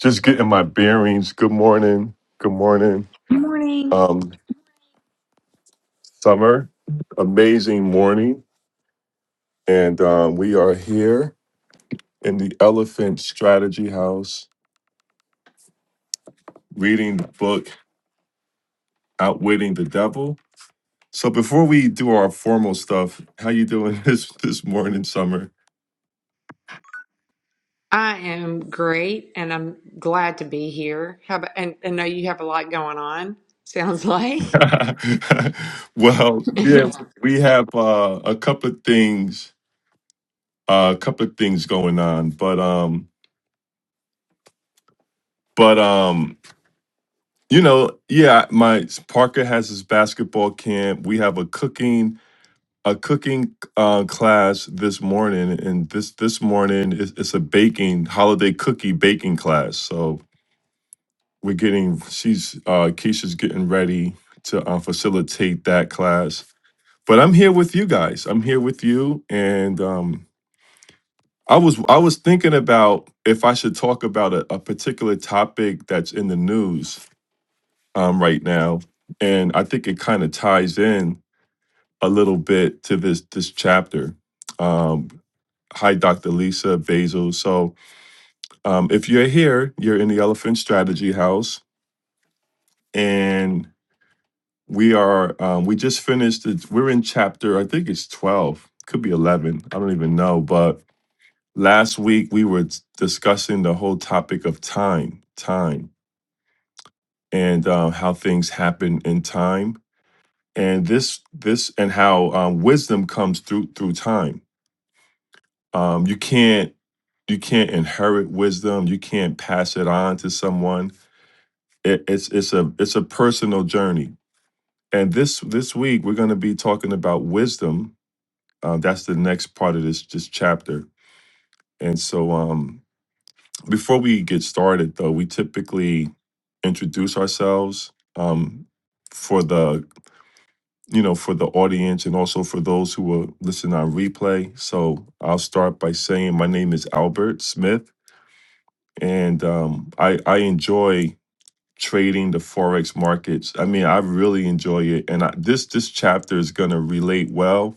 Just getting my bearings. Good morning. Good morning. Good morning. Um, summer, amazing morning. And um, we are here in the Elephant Strategy House reading the book Outwitting the Devil. So before we do our formal stuff, how you doing this this morning, Summer? I am great, and I'm glad to be here. How about, and I know you have a lot going on. Sounds like. well, yeah, we have uh, a couple of things, uh, a couple of things going on, but um, but um, You know, yeah, my Parker has his basketball camp. We have a cooking a cooking uh, class this morning, and this this morning it's, it's a baking holiday cookie baking class. So we're getting she's uh, Keisha's getting ready to uh, facilitate that class. But I'm here with you guys. I'm here with you, and um, I was I was thinking about if I should talk about a, a particular topic that's in the news um, right now, and I think it kind of ties in a little bit to this this chapter. Um, hi, Dr. Lisa Basil. So, um, if you're here, you're in the Elephant Strategy House, and we are um, we just finished. It, we're in chapter, I think it's twelve, could be eleven. I don't even know. But last week we were t- discussing the whole topic of time, time, and uh, how things happen in time and this this and how um, wisdom comes through through time. Um, you can't you can't inherit wisdom. You can't pass it on to someone. It, it's it's a it's a personal journey. And this this week we're going to be talking about wisdom. Uh, that's the next part of this this chapter. And so um, before we get started, though, we typically introduce ourselves um, for the you know, for the audience and also for those who will listen on replay. So I'll start by saying my name is Albert Smith, and um, I I enjoy trading the forex markets. I mean, I really enjoy it, and I, this this chapter is going to relate well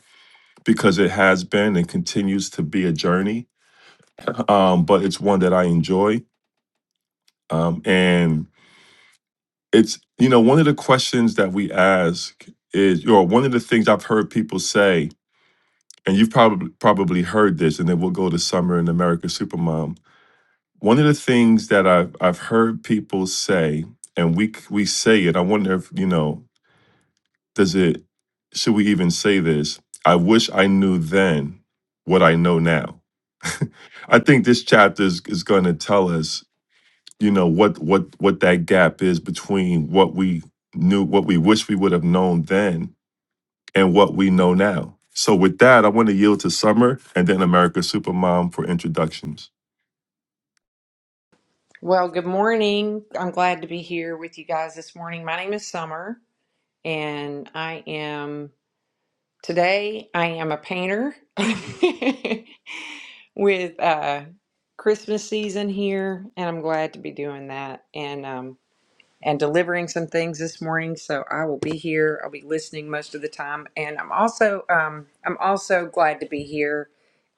because it has been and continues to be a journey. Um, but it's one that I enjoy, um, and it's you know one of the questions that we ask is, or one of the things I've heard people say and you've probably probably heard this, and then we'll go to Summer in America Supermom. One of the things that I've I've heard people say, and we c- we say it. I wonder if you know, does it? Should we even say this? I wish I knew then what I know now. I think this chapter is, is going to tell us, you know, what what what that gap is between what we knew, what we wish we would have known then, and what we know now. So, with that, I want to yield to Summer and then America Supermom for introductions. Well, good morning. I'm glad to be here with you guys this morning. My name is Summer, and I am today. I am a painter with uh, Christmas season here, and I'm glad to be doing that. And um, and delivering some things this morning. So I will be here. I'll be listening most of the time, and I'm also um, I'm also glad to be here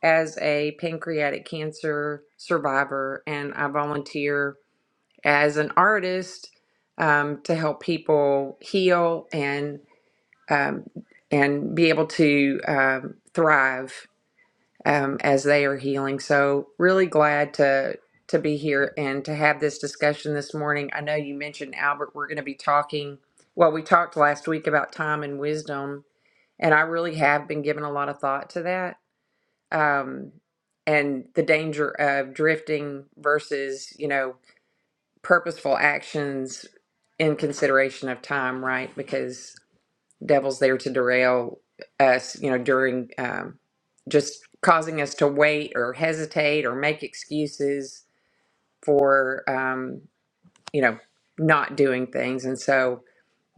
as a pancreatic cancer survivor, and I volunteer as an artist um, to help people heal and um, and be able to um, thrive um, as they are healing. So really glad to to be here and to have this discussion this morning. I know you mentioned Albert. We're going to be talking. Well, we talked last week about time and wisdom, and I really have been giving a lot of thought to that um, and the danger of drifting versus you know purposeful actions in consideration of time, right? Because devil's there to derail us, you know, during um, just causing us to wait or hesitate or make excuses for, um, you know, not doing things. And so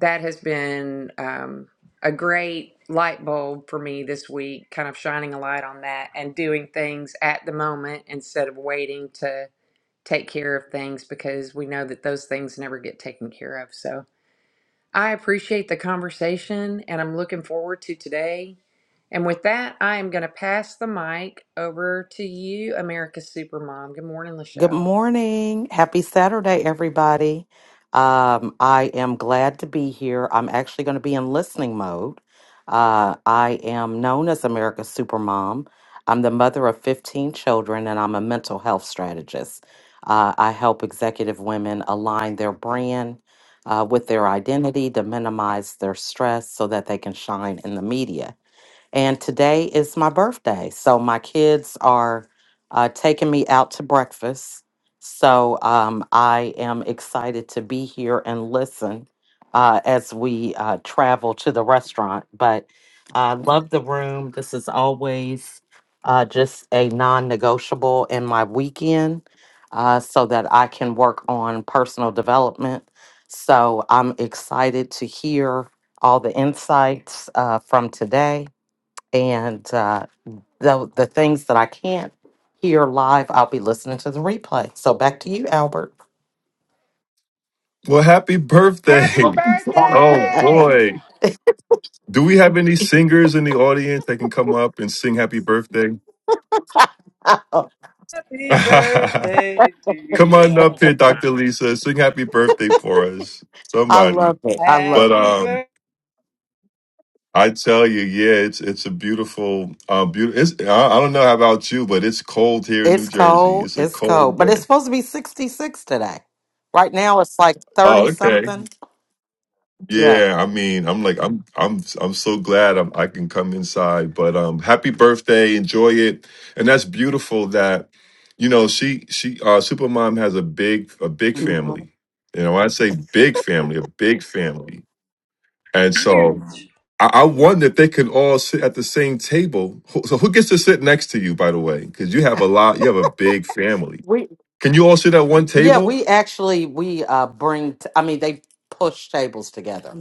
that has been um, a great light bulb for me this week, kind of shining a light on that and doing things at the moment instead of waiting to take care of things because we know that those things never get taken care of. So, I appreciate the conversation and I'm looking forward to today. And with that, I am going to pass the mic over to you, America's Supermom. Good morning, Good Lachelle. morning. Happy Saturday, everybody. Um, I am glad to be here. I'm actually going to be in listening mode. Uh, I am known as America's Supermom. I'm the mother of 15 children, and I'm a mental health strategist. Uh, I help executive women align their brand uh, with their identity to minimize their stress so that they can shine in the media. And today is my birthday. So my kids are uh, taking me out to breakfast. So um, I am excited to be here and listen uh, as we uh, travel to the restaurant. But I love the room. This is always uh, just a non negotiable in my weekend uh, so that I can work on personal development. So I'm excited to hear all the insights uh, from today and uh, the the things that I can't hear live, I'll be listening to the replay. So back to you, Albert. Well, happy Happy Oh, birthday. sorry. Oh, birthday! boy. Do we have any singers in the audience that can come up and sing happy birthday? Happy come birthday to on you. up here, Dr. Lisa. Sing happy birthday for us. I Somebody. love it. I But, love it. Happy um, birthday, I tell you, yeah, it's it's a beautiful, uh, beautiful. It's, I, I don't know about you, but it's cold here in New It's Jersey. cold. It's a It's cold cold, but it's day. supposed to be sixty six today. Right now, it's like thirty Oh, okay. something. Yeah. Yeah, I mean, I'm like, I'm, I'm, I'm so glad I'm, I can come inside. But um, happy birthday, enjoy it, and that's beautiful. That you know, she, she, uh, Supermom has a big, a big Mhm. family. You know, when I say big family, a big family, and so I, I wonder if they can all sit at the same table. Who- So who gets to sit next to you, by the way? Because you have a lot, you have a big family. We Can you all sit at one yeah table? we actually we uh bring t- I mean they push tables together.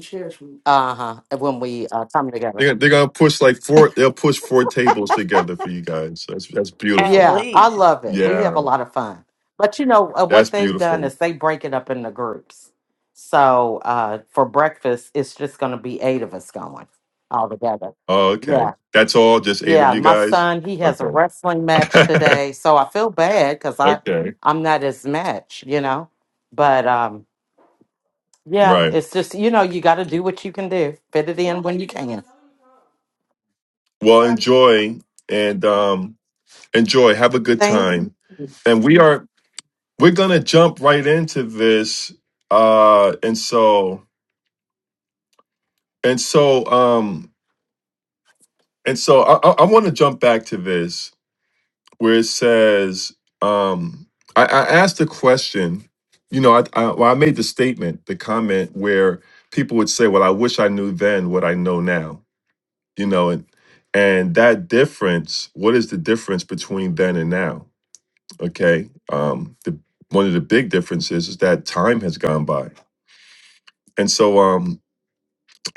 Uh huh. When we uh, come together. They're, gonna, they're gonna push like four. They'll push four tables together for you guys. That's that's at beautiful. Yeah, I least. love it. We have a Yeah, lot of fun. But you know, uh, what that's they've done beautiful. is they break it up into groups. So uh, for breakfast, it's just going to be eight of us going all together. Oh, okay. Yeah. That's all. Just eight of Yeah. you My guys. son, he has Okay. a wrestling match today. So I feel bad because I, okay. I'm not his match, you know? But um, yeah, Right. it's just, you know, you got to do what you can do, fit it in when you can. Well, enjoy and um, enjoy. Have a good Thank time. And we are we're gonna jump right into this. Uh, and so and so um and so I I, I want to jump back to this where it says, um, I, I asked the question, you know, I, I, well, I made the statement, the comment where people would say, well, I wish I knew then what I know now, you know, and, and that difference, what is the difference between then and now? Okay. Um, the, one of the big differences is that time has gone by. And so, um,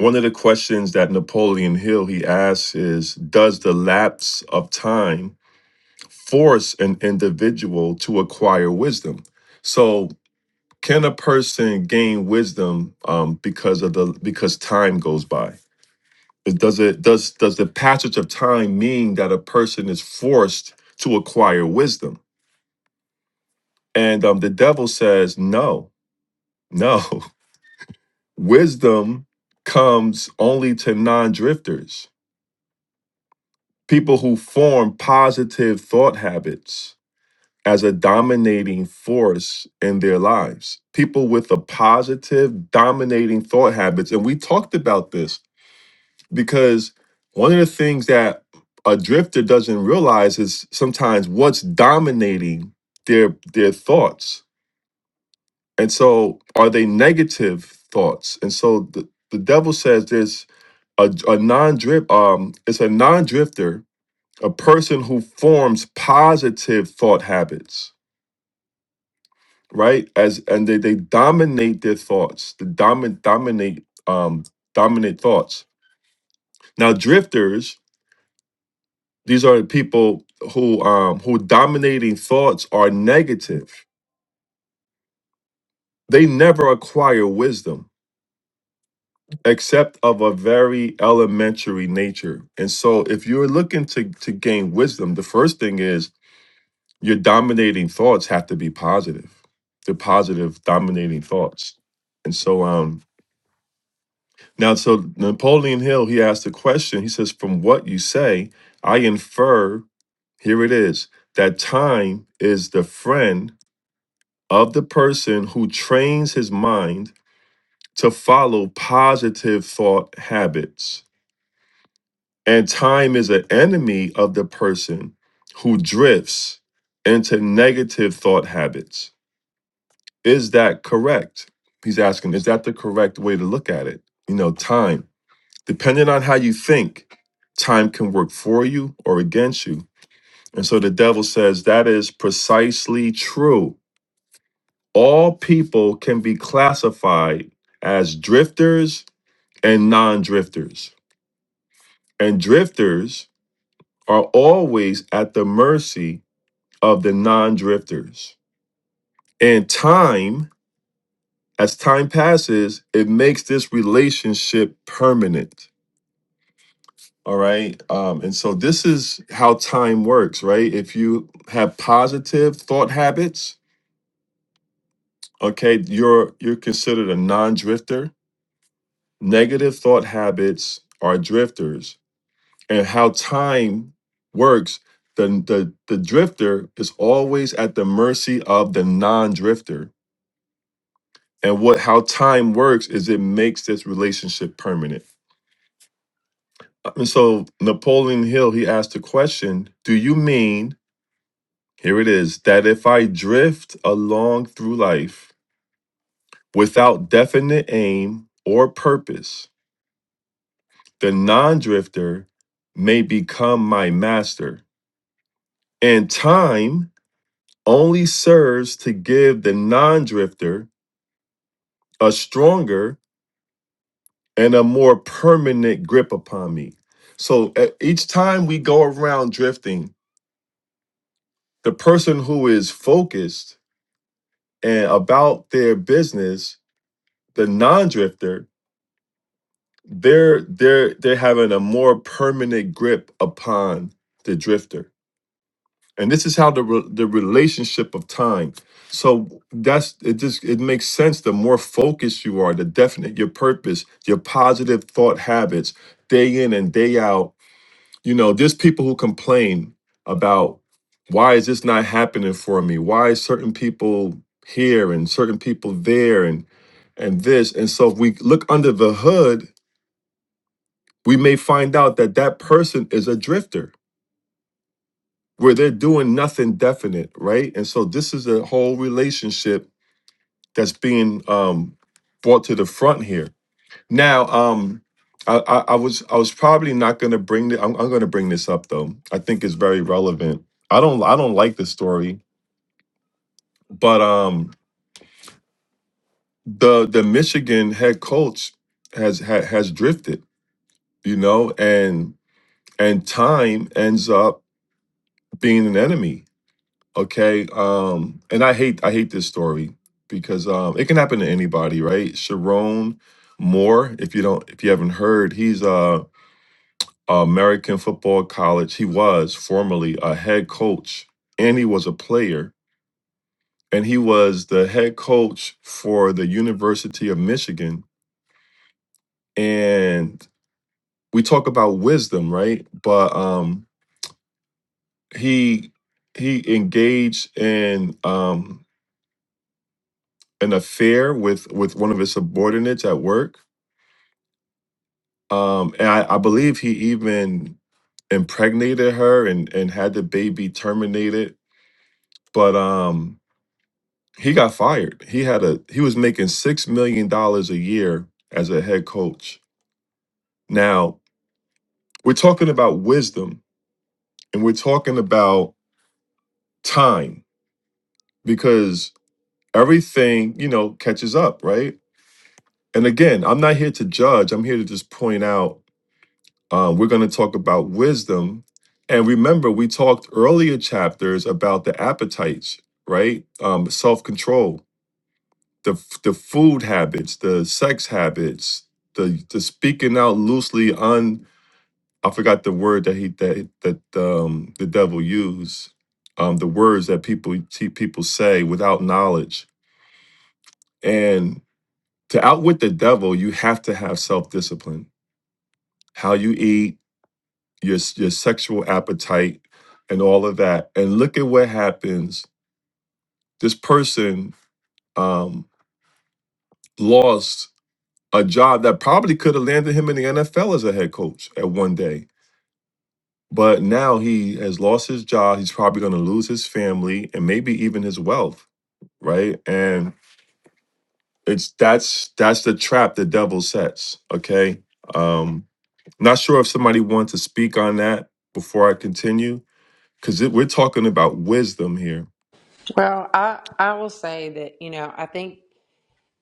one of the questions that Napoleon Hill he asks is, does the lapse of time force an individual to acquire wisdom. So, can a person gain wisdom um, because of the because time goes by? It- Does it does does the passage of time mean that a person is forced to acquire wisdom? And um, the devil says, no, no. wisdom comes only to non-drifters, people who form positive thought habits as a dominating force in their lives. People with a positive, dominating thought habits. And we talked about this because one of the things that a drifter doesn't realize is sometimes what's dominating their their thoughts. And so are they negative thoughts? And so the, the devil says there's a, a non-drift um it's a non-drifter, a person who forms positive thought habits right? As and they, they dominate their thoughts, the domin dominate um dominate thoughts. Now drifters, these are people who um who dominating thoughts are negative. They never acquire wisdom except of a very elementary nature. And so if you're looking to to gain wisdom, the first thing is your dominating thoughts have to be positive. They're positive dominating thoughts. And so um Now, so Napoleon Hill, he asked a question. He says, From what you say, I infer, here it is, that time is the friend of the person who trains his mind to follow positive thought habits. And time is an enemy of the person who drifts into negative thought habits. Is that correct? He's asking, is that the correct way to look at it? You know, time. Depending on how you think, time can work for you or against you. And so the devil says that is precisely true. All people can be classified as drifters and non drifters. And drifters are always at the mercy of the non drifters. And time, as time passes, it makes this relationship permanent All right. Um, and so this is how time works, right? If you have positive thought habits, okay, you're you're considered a non-drifter. Negative thought habits are drifters. And how time works, the the, the drifter is always at the mercy of the non-drifter. And what how time works is it makes this relationship permanent. And so Napoleon Hill, he asked the question, do you mean Here it is that if I drift along through life without definite aim or purpose, the non drifter may become my master. And time only serves to give the non drifter a stronger and a more permanent grip upon me. So e- each time we go around drifting, the person who is focused and about their business, the non drifter, they're they're they're having a more permanent grip upon the drifter and this is how the re- the relationship of time so that's it just it makes sense the more focused you are the definite your purpose your positive thought habits day in and day out you know there's people who complain about why is this not happening for me why is certain people here and certain people there and and this and so if we look under the hood we may find out that that person is a drifter where they're doing nothing definite right and so this is a whole relationship that's being um brought to the front here now um i i, I was i was probably not going to bring the I'm, I'm going to bring this up though i think it's very relevant i don't i don't like the story but um the the michigan head coach has ha, has drifted you know and and time ends up being an enemy Okay. Um, and I hate I hate this story because um it can happen to anybody, right? Sharon Moore, if you don't if you haven't heard, he's a American Football College. He was formerly a head coach and he was a player. And he was the head coach for the University of Michigan. And we talk about wisdom, right? But um he he engaged in um an affair with with one of his subordinates at work. Um, and I, I believe he even impregnated her and and had the baby terminated. But um, he got fired. He had a he was making six million dollars a year as a head coach. Now we're talking about wisdom and we're talking about time because everything you know catches up, right? And again, I'm not here to judge. I'm here to just point out Um, we're going to talk about wisdom. And remember, we talked earlier chapters about the appetites, right? Um, Self control, the, f- the food habits, the sex habits, the, the speaking out loosely on, I forgot the word that he that that um, the devil used, um, the words that people te- people say without knowledge. And to outwit the devil, you have to have self discipline. How you eat, your s- your sexual appetite and all of that and look at what happens this person um lost a job that probably could have landed him in the NFL as a head coach at one day but now he has lost his job he's probably going to lose his family and maybe even his wealth right and it's that's that's the trap the devil sets okay um not sure if somebody wants to speak on that before i continue because we're talking about wisdom here Well, I, I will say that, you know, I think.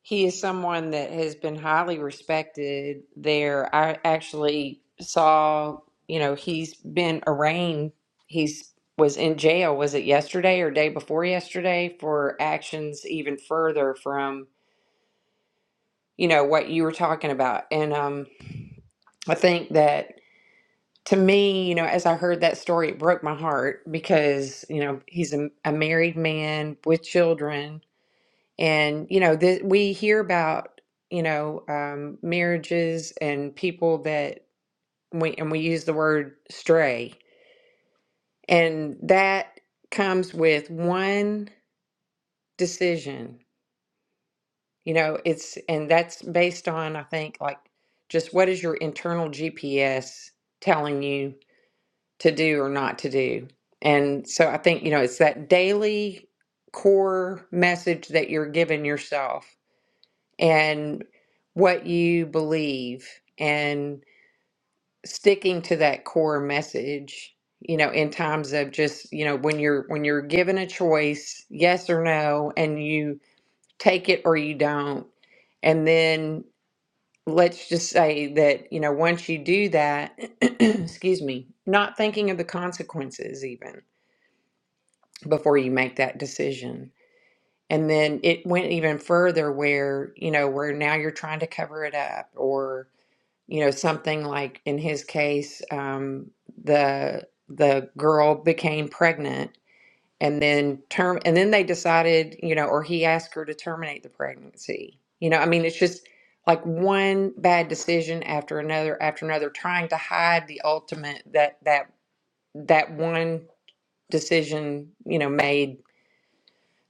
He is someone that has been highly respected there. I actually saw, you know, he's been arraigned. He's was in jail, was it yesterday or day before yesterday for actions even further from, you know, what you were talking about. And um I think that to me, you know, as I heard that story, it broke my heart because, you know, he's a, a married man with children and, you know, that we hear about, you know, um, marriages and people that we, and we use the word stray, and that comes with one decision. You know, it's, and that's based on, I think, like just what is your internal GPS telling you to do or not to do. And so I think, you know, it's that daily core message that you're giving yourself and what you believe and sticking to that core message you know in times of just you know when you're when you're given a choice yes or no and you take it or you don't and then let's just say that you know once you do that excuse me not thinking of the consequences even before you make that decision and then it went even further where you know where now you're trying to cover it up or you know something like in his case um, the the girl became pregnant and then term and then they decided you know or he asked her to terminate the pregnancy you know i mean it's just like one bad decision after another after another trying to hide the ultimate that that that one decision you know made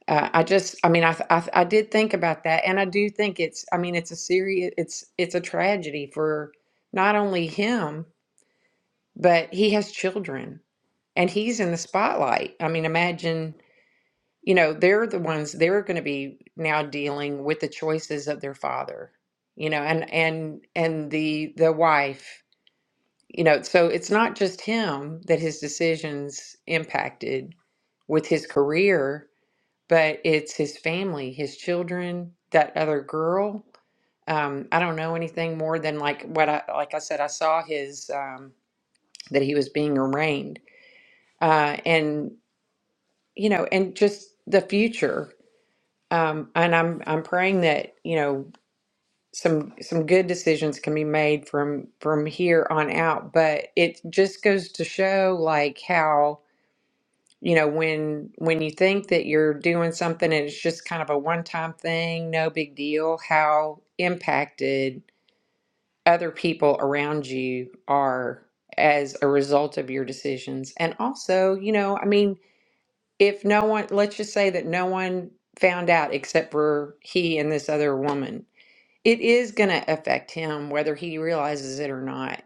uh, i just i mean I, th- I th- i did think about that and i do think it's i mean it's a serious it's it's a tragedy for not only him but he has children and he's in the spotlight. I mean, imagine, you know, they're the ones they're going to be now dealing with the choices of their father, you know, and and and the the wife, you know, so it's not just him that his decisions impacted with his career, but it's his family, his children, that other girl. Um, I don't know anything more than like what I like I said I saw his um that he was being arraigned uh, and you know, and just the future. Um, and I'm I'm praying that you know some some good decisions can be made from from here on out. But it just goes to show like how you know when when you think that you're doing something and it's just kind of a one time thing, no big deal, how impacted other people around you are as a result of your decisions. And also, you know, I mean if no one, let's just say that no one found out except for he and this other woman, it is going to affect him whether he realizes it or not.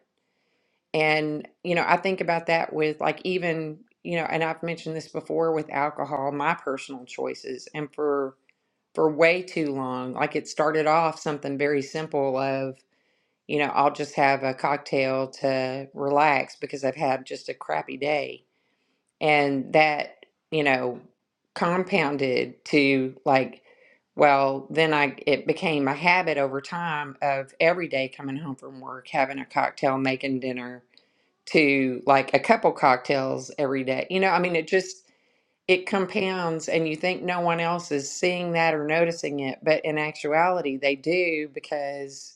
And, you know, I think about that with like even, you know, and I've mentioned this before with alcohol, my personal choices. And for, for way too long, like it started off something very simple of, you know, I'll just have a cocktail to relax because I've had just a crappy day and that you know compounded to like well then i it became a habit over time of every day coming home from work having a cocktail making dinner to like a couple cocktails every day you know i mean it just it compounds and you think no one else is seeing that or noticing it but in actuality they do because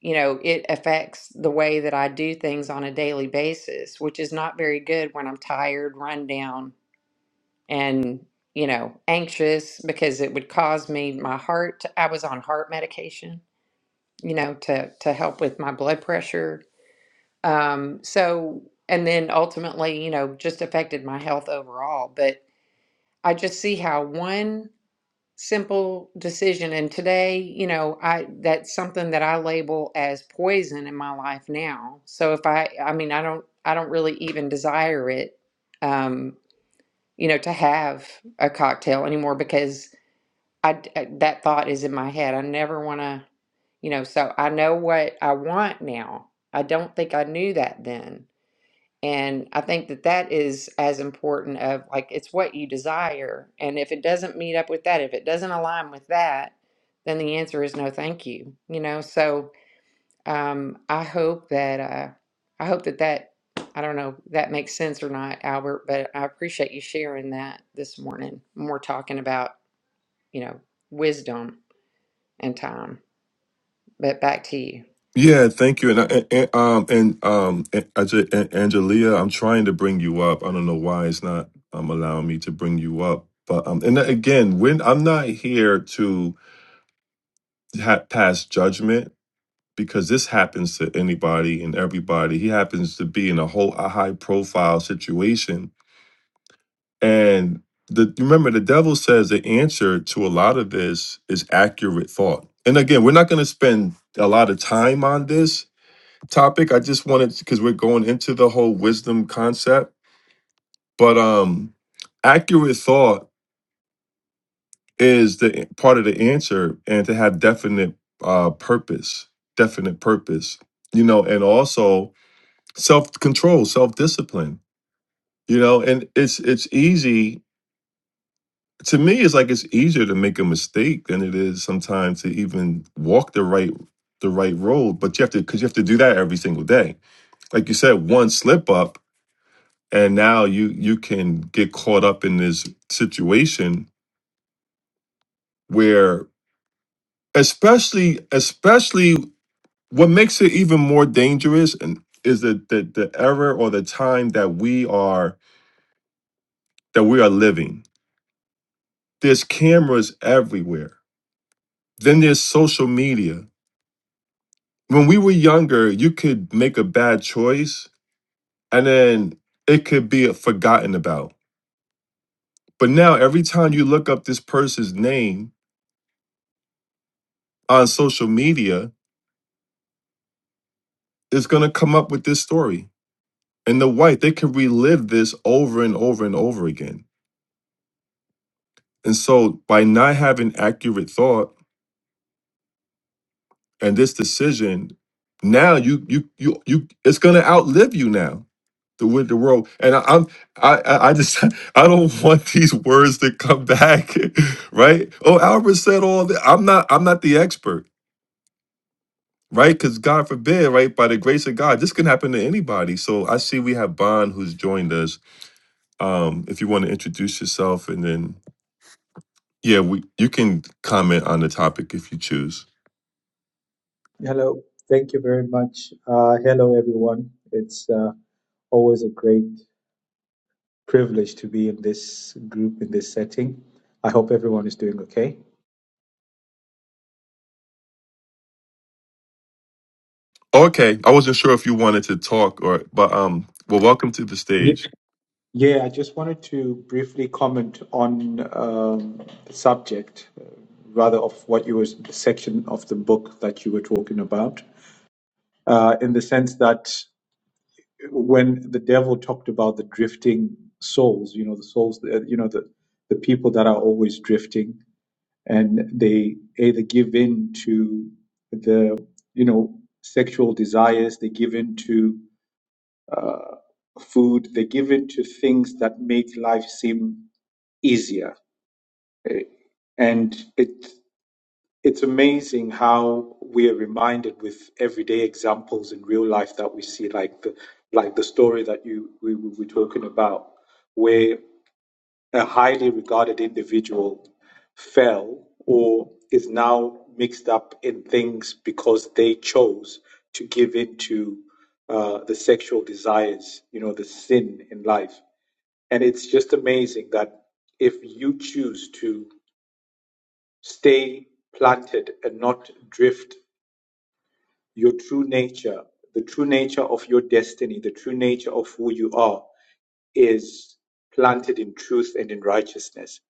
you know, it affects the way that I do things on a daily basis, which is not very good when I'm tired, run down, and you know anxious because it would cause me my heart i was on heart medication you know to to help with my blood pressure um so and then ultimately you know just affected my health overall but i just see how one simple decision and today you know i that's something that i label as poison in my life now so if i i mean i don't i don't really even desire it um you know to have a cocktail anymore because I, d- uh, that thought is in my head. I never want to, you know, so I know what I want now. I don't think I knew that then. And I think that that is as important of like it's what you desire. And if it doesn't meet up with that, if it doesn't align with that, then the answer is no thank you. You know, so um I hope that uh I hope that that I don't know if that makes sense or not, Albert, but I appreciate you sharing that this morning. More talking about, you know, wisdom and time. But back to you. Yeah, thank you. And, I- and um and um and, I ju- and Angelia, I'm trying to bring you up. I don't know why it's not um allowing me to bring you up. But um and again, when I'm not here to ha- pass judgment because this happens to anybody and everybody. He happens to be in a whole a high profile situation and the remember the devil says the answer to a lot of this is accurate thought. And again, we're not going to spend a lot of time on this topic. I just wanted because we're going into the whole wisdom concept, but um, accurate thought is the part of the answer, and to have definite uh purpose, definite purpose, you know, and also self control, self discipline, you know, and it's it's easy. To me, it's like it's easier to make a mistake than it is sometimes to even walk the right the right road. But you have to because you have to do that every single day. Like you said, one slip up and now you you can get caught up in this situation where especially especially what makes it even more dangerous and is the, the the era or the time that we are that we are living there's cameras everywhere then there's social media when we were younger you could make a bad choice and then it could be forgotten about but now every time you look up this person's name on social media is going to come up with this story. And the white, they can relive this over and over and over again. And so by not having accurate thought and this decision, now you you you you it's going to outlive you now. The with the world, and I, I'm I I I just I don't want these words to come back, right? Oh, Albert said all that. I'm not I'm not the expert, right? Because God forbid, right? By the grace of God, this can happen to anybody. So I see we have Bond who's joined us um, if you want to introduce yourself and then yeah we you can comment on the topic if you choose Hello. Thank you very much. Uh, hello, everyone. It's uh, always a great privilege to be in this group, in this setting. I hope everyone is doing okay. okay i wasn't sure if you wanted to talk or but um well welcome to the Ye- stage Yeah, I just wanted to briefly comment on um, the subject, uh, rather of what you was the section of the book that you were talking about, uh, in the sense that when the devil talked about the drifting souls, you know, the souls, uh, you know, the the people that are always drifting, and they either give in to the you know sexual desires they give in to uh, food they give in to things that make life seem easier Eh, and it it's amazing how we are reminded with everyday examples in real life that we see like the like the story that you we we were talking about where a highly regarded individual fell or is now mixed up in things because they chose to give in to uh, the sexual desires, you know, the sin in life. And it's just amazing that if you choose to stay planted and not drift, your true nature, the true nature of your destiny, the true nature of who you are, is planted in truth and in righteousness.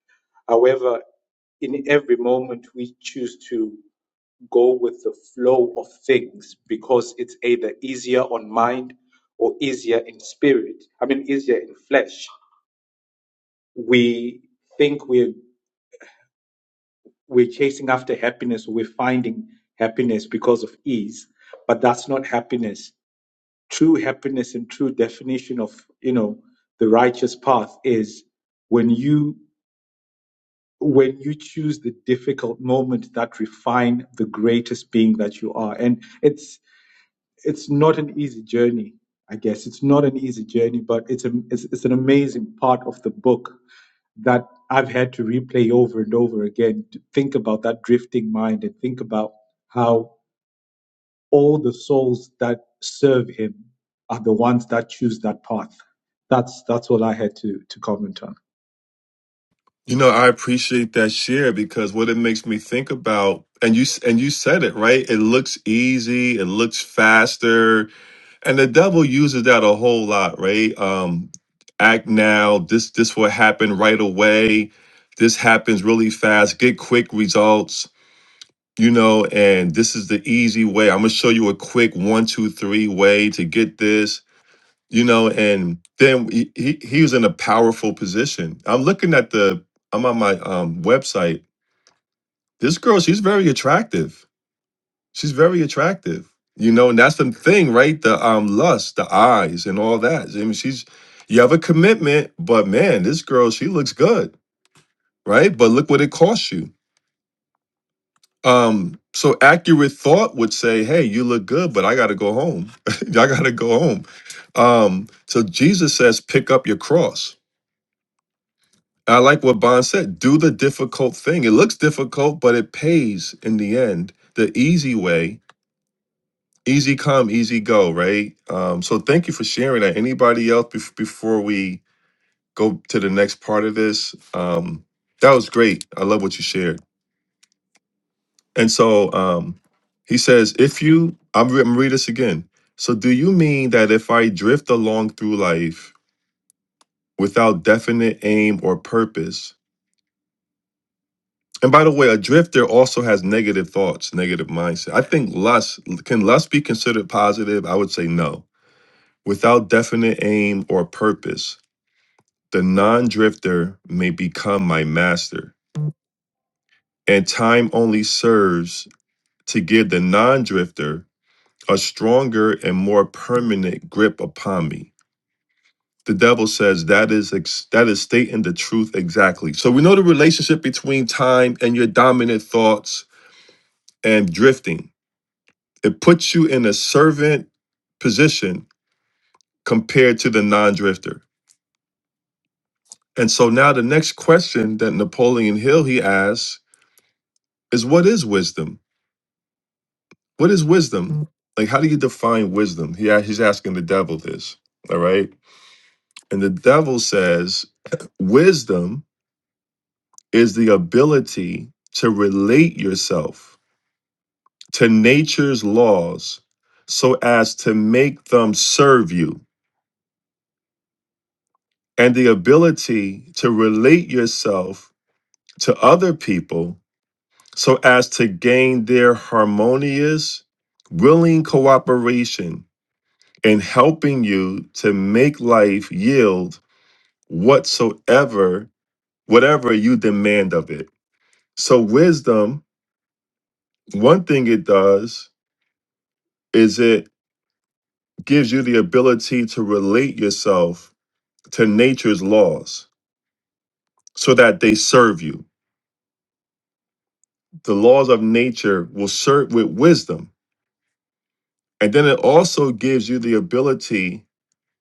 However, in every moment we choose to go with the flow of things because it's either easier on mind or easier in spirit i mean easier in flesh we think we're we're chasing after happiness we're finding happiness because of ease but that's not happiness true happiness and true definition of you know the righteous path is when you when you choose the difficult moment that refine the greatest being that you are and it's it's not an easy journey i guess it's not an easy journey but it's a it's, it's an amazing part of the book that i've had to replay over and over again to think about that drifting mind and think about how all the souls that serve him are the ones that choose that path that's that's all i had to to comment on you know i appreciate that share because what it makes me think about and you s- and you said it right it looks easy it looks faster and the devil uses that a whole lot right um act now this this will happen right away this happens really fast get quick results you know, and this is the easy way. I'm gonna show you a quick one, two, three way to get this, you know, and then he, he he was in a powerful position. I'm looking at the I'm on my um website. This girl, she's very attractive. She's very attractive, you know, and that's the thing, right? The um lust, the eyes, and all that. I mean, she's you have a commitment, but man, this girl, she looks good, right? But look what it costs you Um, so accurate thought would say, "Hey, you look good, but I got to go home. I got to go home." Um, so Jesus says, "Pick up your cross." I like what Bond said. Do the difficult thing. It looks difficult, but it pays in the end. The easy way, easy come, easy go, right? Um, so thank you for sharing that. Anybody else bef- before we go to the next part of this? Um, that was great. I love what you shared. And so um, he says, if you, I'm, re- I'm read this again. So do you mean that if I drift along through life without definite aim or purpose? And by the way, a drifter also has negative thoughts, negative mindset. I think lust can lust be considered positive? I would say no. Without definite aim or purpose, the non-drifter may become my master, and time only serves to give the non-drifter a stronger and more permanent grip upon me. The devil says that is ex- that is stating the truth exactly. So we know the relationship between time and your dominant thoughts and drifting. It puts you in a servant position compared to the non-drifter. And so now the next question that Napoleon Hill he asks is what is wisdom? What is wisdom? Like how do you define wisdom? He a- he's asking the devil this. All right? And the devil says wisdom is the ability to relate yourself to nature's laws so as to make them serve you, and the ability to relate yourself to other people so as to gain their harmonious, willing cooperation in helping you to make life yield whatsoever, whatever you demand of it. So, wisdom, one thing it does is it gives you the ability to relate yourself to nature's laws so that they serve you. The laws of nature will serve with wisdom. And then it also gives you the ability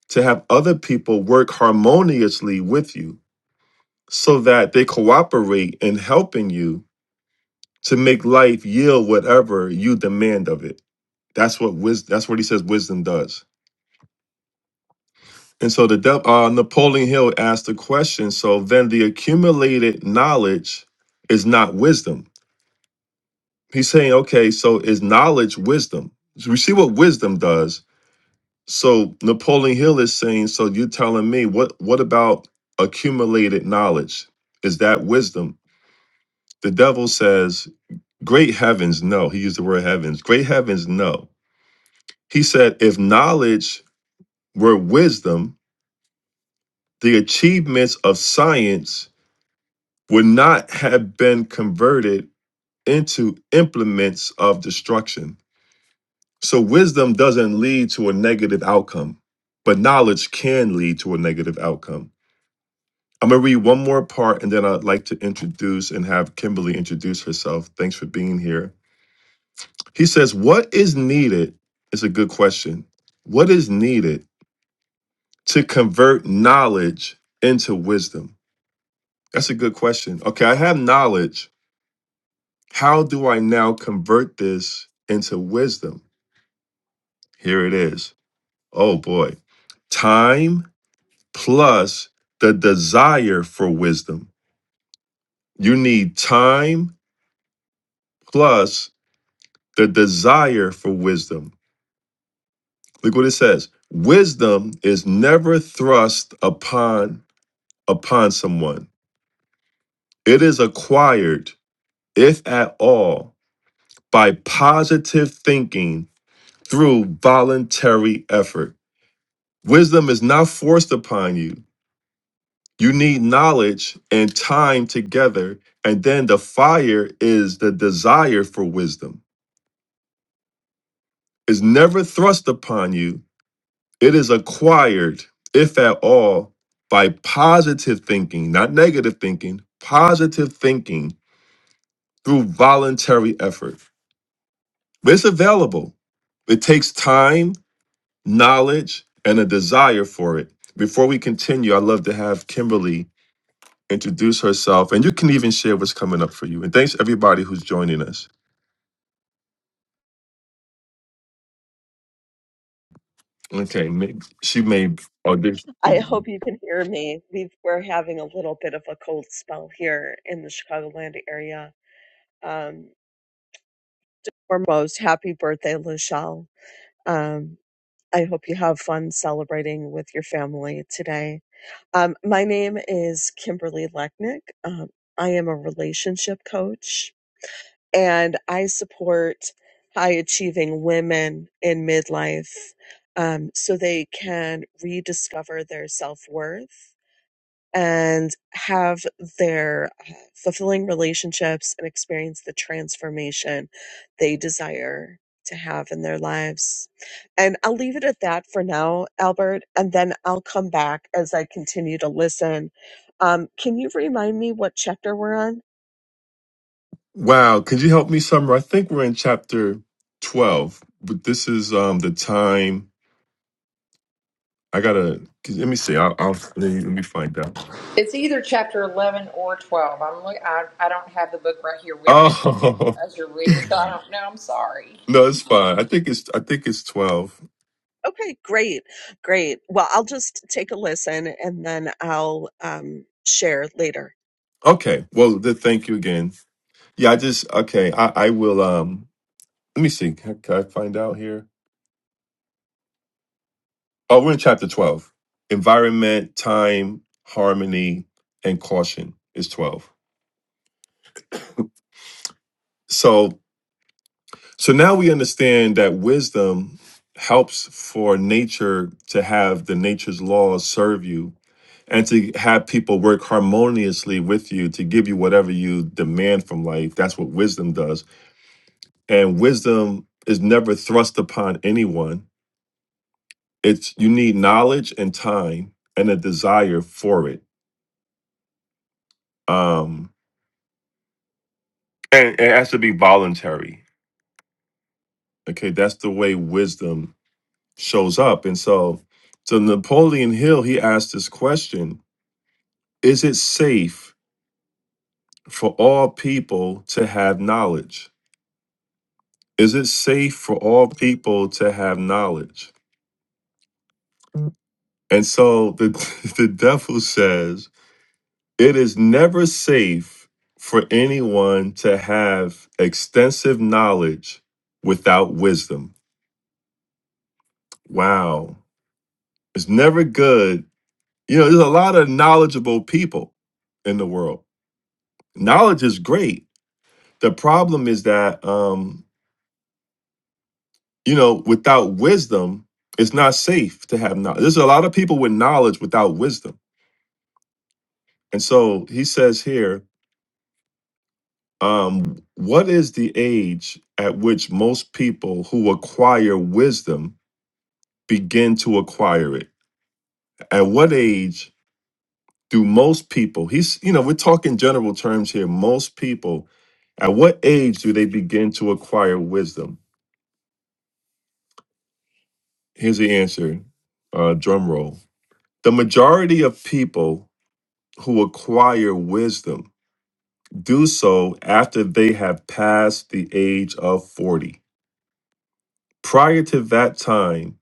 to have other people work harmoniously with you so that they cooperate in helping you to make life yield whatever you demand of it. That's what wisdom that's what he says wisdom does. And so the dep uh, Napoleon Hill asked the question. So then the accumulated knowledge is not wisdom. He's saying, okay, so is knowledge wisdom? So we see what wisdom does. So Napoleon Hill is saying, so you're telling me what what about accumulated knowledge? Is that wisdom? The devil says, Great heavens, no. He used the word heavens. Great heavens, no. He said, if knowledge were wisdom, the achievements of science would not have been converted into implements of destruction. So wisdom doesn't lead to a negative outcome, but knowledge can lead to a negative outcome. I'm going to read one more part and then I'd like to introduce and have Kimberly introduce herself. Thanks for being here. He says, What is needed? It's a good question. What is needed to convert knowledge into wisdom? That's a good question. Okay, I have knowledge, How do I now convert this into wisdom? Here it is. Oh boy. Time plus the desire for wisdom. You need time plus the desire for wisdom. Look what it says. Wisdom is never thrust upon upon someone. It is acquired, if at all, by positive thinking through voluntary effort. Wisdom is not forced upon you. You need knowledge and time together. And then the fire is the desire for wisdom. It's never thrust upon you, it is acquired, if at all, by positive thinking, not negative thinking, positive thinking through voluntary effort. But It's available. It takes time, knowledge, and a desire for it. Before we continue, I'd love to have Kimberly introduce herself, and you can even share what's coming up for you. And thanks everybody who's joining us. Okay, ma- she may I hope audition. you can hear me. We've, we're having a little bit of a cold spell here in the Chicagoland area. Um, foremost, happy birthday, Lachelle. Um, I hope you have fun celebrating with your family today. Um, my name is Kimberly Lechnick. Um, I am a relationship coach and I support high achieving women in midlife um, so they can rediscover their self worth and have their uh, fulfilling relationships and experience the transformation they desire to have in their lives. And I'll leave it at that for now, Albert, and then I'll come back as I continue to listen. Um, can you remind me what chapter we're on? Wow, could you help me, Summer? I think we're in chapter twelve, but this is um the time. I gotta to let me see. I'll, I'll let me let me find out. It's either chapter 11 or 12. I'm look, I, I don't have the book right here with me Oh as you're reading, so I don't know. I'm sorry. no, it's fine. I think it's I think it's twelve. Okay, great, great. Well, I'll just take a listen and then I'll um, share later. Okay. Well, then thank you again. Yeah, I just okay. I I will um. Let me see. Can, can I find out here? Oh, we're in chapter 12. Environment, time, harmony, and caution is 12. So so now we understand that wisdom helps for nature to have the nature's laws serve you and to have people work harmoniously with you to give you whatever you demand from life. That's what wisdom does. And wisdom is never thrust upon anyone. It's you need knowledge and time and a desire for it. Um and it has to be voluntary. Okay, that's the way wisdom shows up. And so, so Napoleon Hill, he asked this question: Is it safe for all people to have knowledge? Is it safe for all people to have knowledge? And so the the devil says it is never safe for anyone to have extensive knowledge without wisdom. Wow. It's never good You know, there's a lot of knowledgeable people in the world. Knowledge is great. The problem is that, um, you know, without wisdom, it's not safe to have knowledge. There's a lot of people with knowledge without wisdom. And so he says here, um, what is the age at which most people who acquire wisdom begin to acquire it? At what age do most people he's you know we're talking general terms here most people at what age do they begin to acquire wisdom here's the answer uh, drum roll the majority of people who acquire wisdom do so after they have passed the age of 40 prior to that time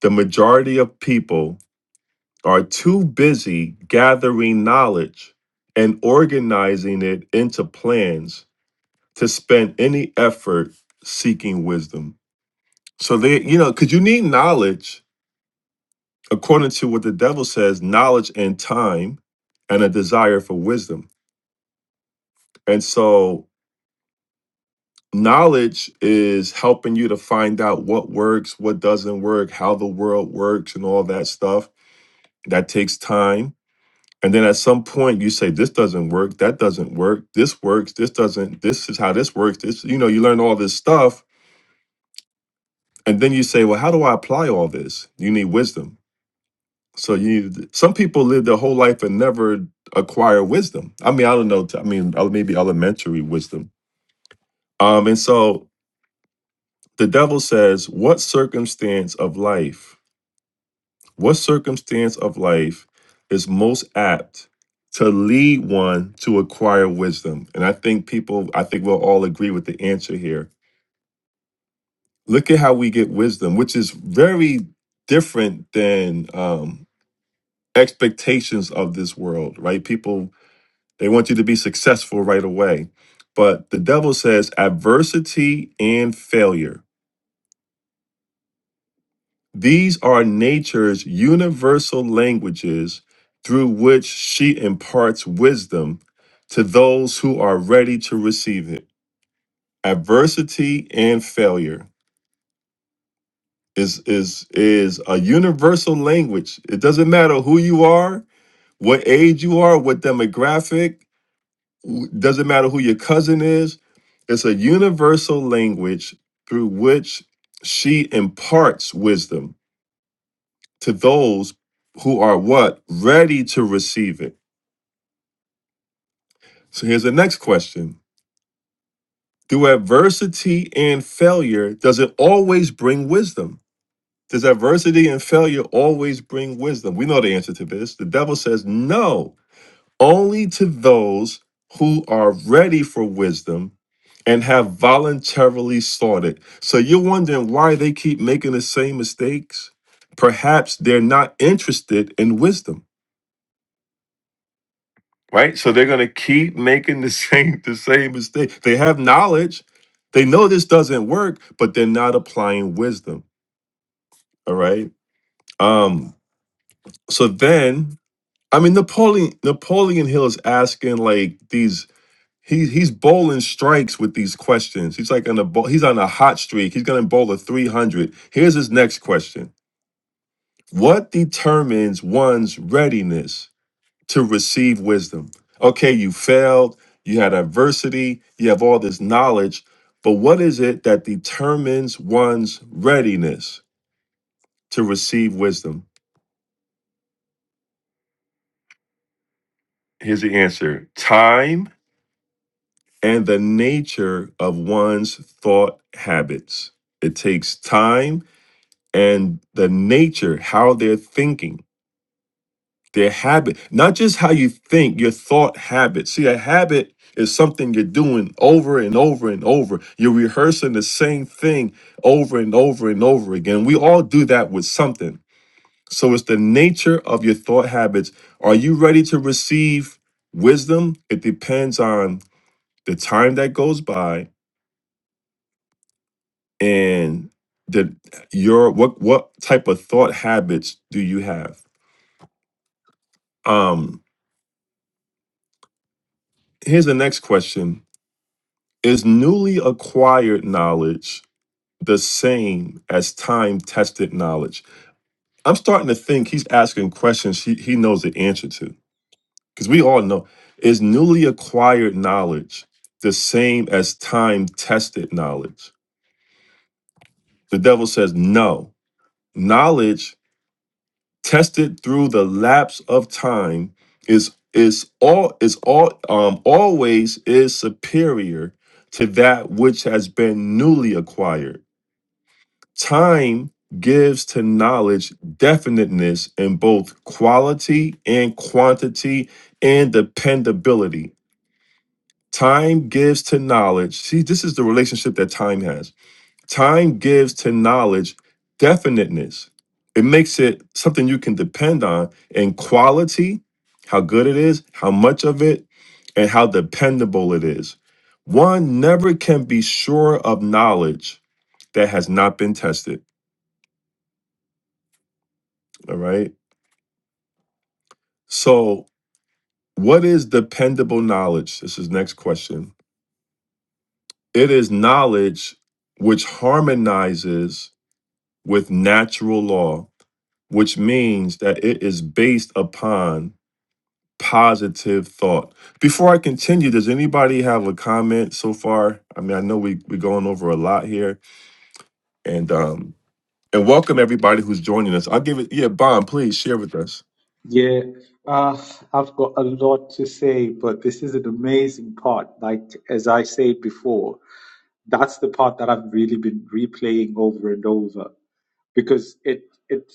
the majority of people are too busy gathering knowledge and organizing it into plans to spend any effort seeking wisdom. So they, you know, because you need knowledge, according to what the devil says, knowledge and time and a desire for wisdom. And so knowledge is helping you to find out what works, what doesn't work, how the world works, and all that stuff. That takes time. And then at some point you say, this doesn't work, that doesn't work, this works, this doesn't, this is how this works. This, you know, you learn all this stuff And then you say, well, how do I apply all this? You need wisdom. So you need, some people live their whole life and never acquire wisdom. I mean, I don't know. I mean, uh, maybe elementary wisdom. Um, and so the devil says, what circumstance of life, what circumstance of life is most apt to lead one to acquire wisdom? And I think people, I think we'll all agree with the answer here. Look at how we get wisdom, which is very different than um, expectations of this world, right? People, they want you to be successful right away. But the devil says adversity and failure. These are nature's universal languages through which she imparts wisdom to those who are ready to receive it. Adversity and failure is is is a universal language. It doesn't matter who you are, what age you are, what demographic, W- doesn't matter who your cousin is it's a universal language through which she imparts wisdom to those who are what ready to receive it so here's the next question do adversity and failure does it always bring wisdom does adversity and failure always bring wisdom we know the answer to this the devil says no only to those who are ready for wisdom and have voluntarily sought it. So you're wondering why they keep making the same mistakes? Perhaps they're not interested in wisdom, right? So they're going to keep making the same the same mistake. They have knowledge, they know this doesn't work, but they're not applying wisdom, all right? Um so then I mean Napoleon Napoleon Hill is asking like these He he's bowling strikes with these questions. He's like on a bo- he's on a hot streak. He's gonna bowl a three hundred. Here's his next question: What determines one's readiness to receive wisdom? Okay, you failed. You had adversity. You have all this knowledge, but what is it that determines one's readiness to receive wisdom? Here's the answer: Time and the nature of one's thought habits. It takes time and the nature, how they're thinking, their habit, not just how you think, your thought habit. See, a habit is something you're doing over and over and over. You're rehearsing the same thing over and over and over again. We all do that with something. So it's the nature of your thought habits. Are you ready to receive wisdom? It depends on the time that goes by and the your what what type of thought habits do you have? Um Here's the next question Is newly acquired knowledge the same as time tested knowledge? I'm starting to think he's asking questions he, he knows the answer to because we all know. Is newly acquired knowledge the same as time tested knowledge? The devil says no. Knowledge tested through the lapse of time is is all is all um always is superior to that which has been newly acquired time gives to knowledge definiteness in both quality and quantity and dependability time gives to knowledge see this is the relationship that time has Time gives to knowledge definiteness. It makes it something you can depend on in quality, how good it is, how much of it, and how dependable it is. One never can be sure of knowledge that has not been tested. All right. So, what is dependable knowledge? This is next question. It is knowledge which harmonizes with natural law, which means that it is based upon positive thought. Before I continue, does anybody have a comment so far? I mean, I know we we're going over a lot here, and um, and welcome everybody who's joining us. I'll give it, yeah, Bon, please share with us. Yeah, uh, I've got a lot to say, but this is an amazing part. Like, as I said before, that's the part that I've really been replaying over and over because it, it,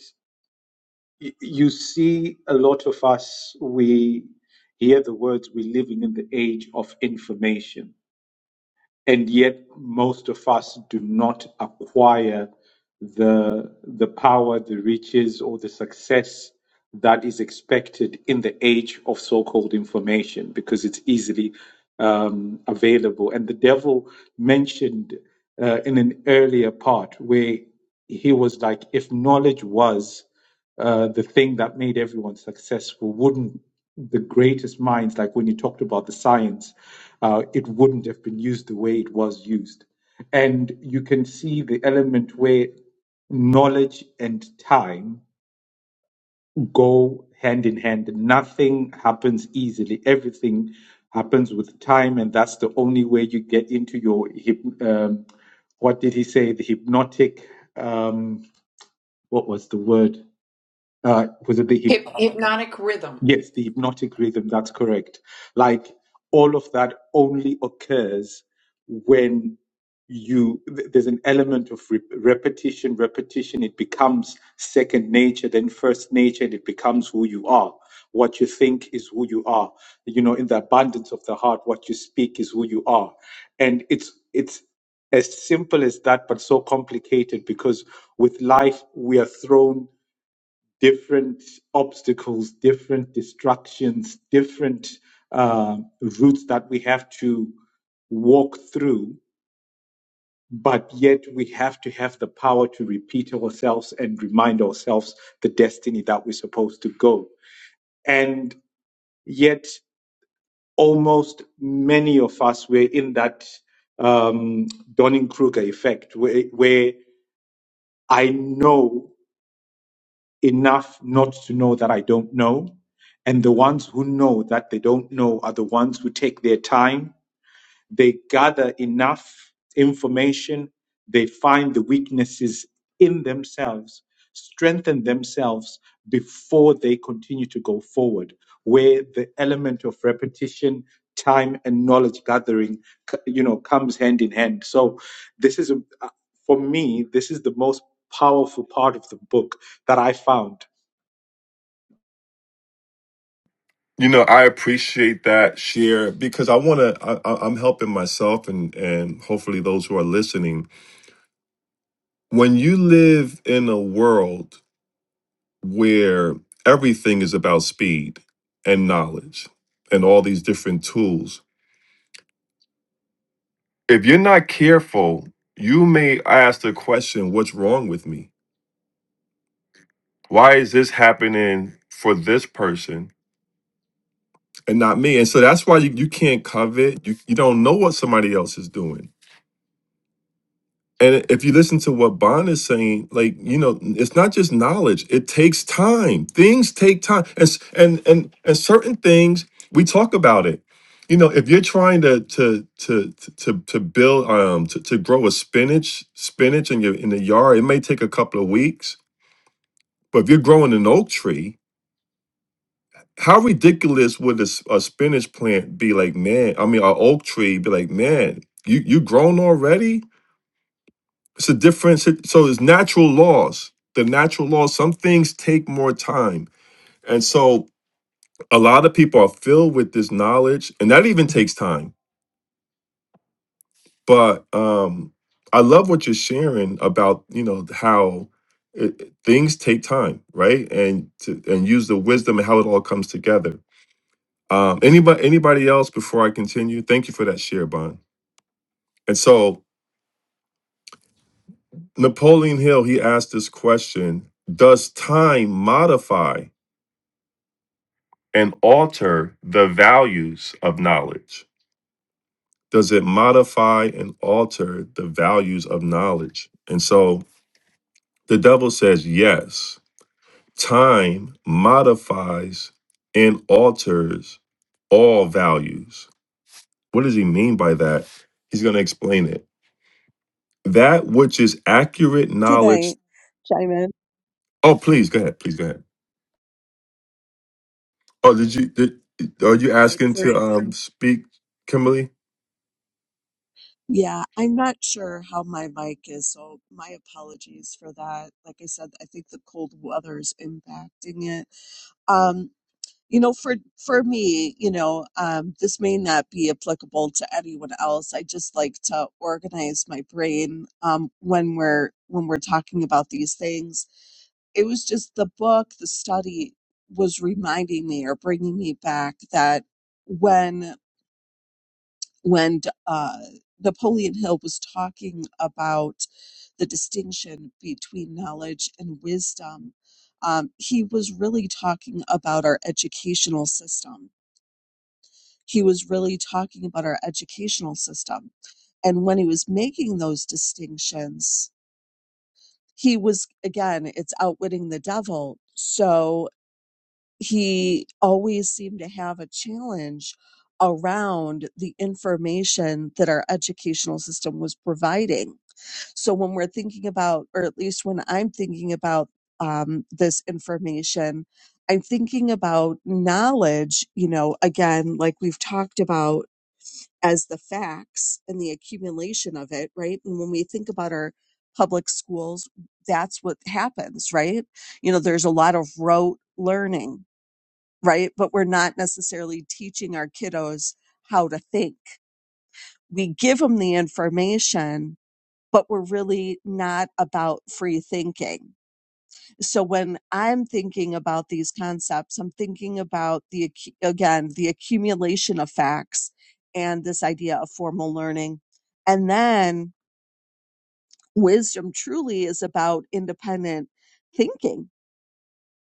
y- you see a lot of us, we hear the words, we're living in the age of information and yet most of us do not acquire the the power, the riches, or the success that is expected in the age of so-called information because it's easily um, available. And the devil mentioned uh, in an earlier part where he was like, if knowledge was uh, the thing that made everyone successful wouldn't the greatest minds like when you talked about the science uh, it wouldn't have been used the way it was used and you can see the element where knowledge and time go hand in hand nothing happens easily everything happens with time and that's the only way you get into your hyp- um, what did he say the hypnotic um, what was the word uh, was it the Hyp- hypnotic rhythm. Yes, the hypnotic rhythm, that's correct. Like all of that only occurs when you, th- there's an element of re- repetition, repetition, it becomes second nature, then first nature, and it becomes who you are. What you think is who you are. You know, in the abundance of the heart, what you speak is who you are. And it's, it's, as simple as that, but so complicated because with life we are thrown different obstacles, different distractions, different uh, routes that we have to walk through, but yet we have to have the power to repeat ourselves and remind ourselves the destiny that we're supposed to go. And yet, almost many of us were in that um, Donning Kruger effect, where, where I know. enough not to know that I don't know. And the ones who know that they don't know are the ones who take their time. They gather enough information. They find the weaknesses in themselves, strengthen themselves before they continue to go forward, where the element of repetition, time, and knowledge gathering, c- you know, comes hand in hand. So this is, a, uh, for me, this is the most powerful part of the book that I found You know, I appreciate that share because I want to. I, I- I'm helping myself and and hopefully those who are listening. When you live in a world where everything is about speed and knowledge and all these different tools if you're not careful, you may ask the question, What's wrong with me? Why is this happening for this person and not me? And so that's why you, you can't covet. You, you don't know what somebody else is doing. And if you listen to what Bond is saying, like you know, it's not just knowledge. It takes time. Things take time, and s- and and and certain things we talk about it. You know, if you're trying to to to to to build um to, to grow a spinach spinach in your in the yard, it may take a couple of weeks. But if you're growing an oak tree, how ridiculous would a, s- a spinach plant be? Like man, I mean, an oak tree be like man, you you grown already? It's a different. sit- So it's natural laws. The natural laws. Some things take more time, and so a lot of people are filled with this knowledge, and that even takes time. But um, I love what you're sharing about. You know how it, it- things take time, right? And to and use the wisdom and how it all comes together. Um, anybody anybody else before I continue? Thank you for that share, Bond. And so Napoleon Hill he asked this question: Does time modify? and alter the values of knowledge? Does it modify and alter the values of knowledge? And so the devil says, yes, time modifies and alters all values. What does he mean by that? He's going to explain it. That which is accurate Could I knowledge. chime in Oh, please go ahead. Please go ahead. Oh, did you? Did, are you right asking for to um speak, Kimberly? Yeah, I'm not sure how my mic is, so my apologies for that. Like I said, I think the cold weather is impacting it. Um, you know, for for me, you know, um, this may not be applicable to anyone else. I just like to organize my brain um, when we're when we're talking about these things. It was just the book, the study was reminding me or bringing me back that. when when uh, Napoleon Hill was talking about the distinction between knowledge and wisdom, um, he was really talking about our educational system. He was really talking about our educational system. And when he was making those distinctions, he was, again, it's outwitting the devil. So he always seemed to have a challenge around the information that our educational system was providing. So when we're thinking about, or at least when I'm thinking about um, this information, I'm thinking about knowledge, you know, again, like we've talked about as the facts and the accumulation of it, right? And when we think about our public schools, that's what happens, right? You know, there's a lot of rote learning right? But we're not necessarily teaching our kiddos how to think. We give them the information, but we're really not about free thinking. So when I'm thinking about these concepts, I'm thinking about the, again, the accumulation of facts and this idea of formal learning. And then wisdom truly is about independent thinking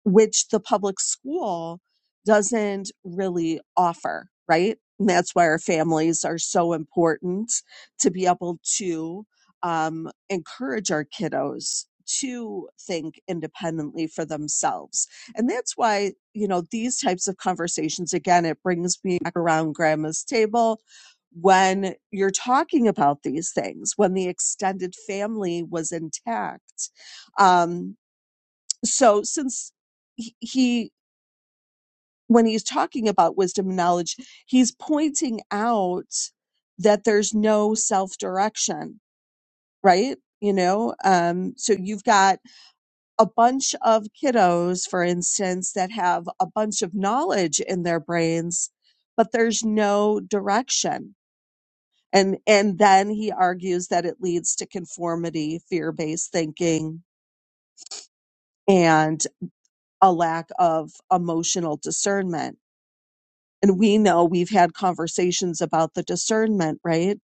which the public school doesn't really offer, right? And that's why our families are so important to be able to um, encourage our kiddos to think independently for themselves. And that's why, you know, these types of conversations, again, it brings me back around grandma's table when you're talking about these things, when the extended family was intact. Um, so since he he- when he's talking about wisdom and knowledge he's pointing out that there's no self direction right you know um so you've got a bunch of kiddos for instance that have a bunch of knowledge in their brains but there's no direction and and then he argues that it leads to conformity fear based thinking and a lack of emotional discernment and we know we've had conversations about the discernment, right?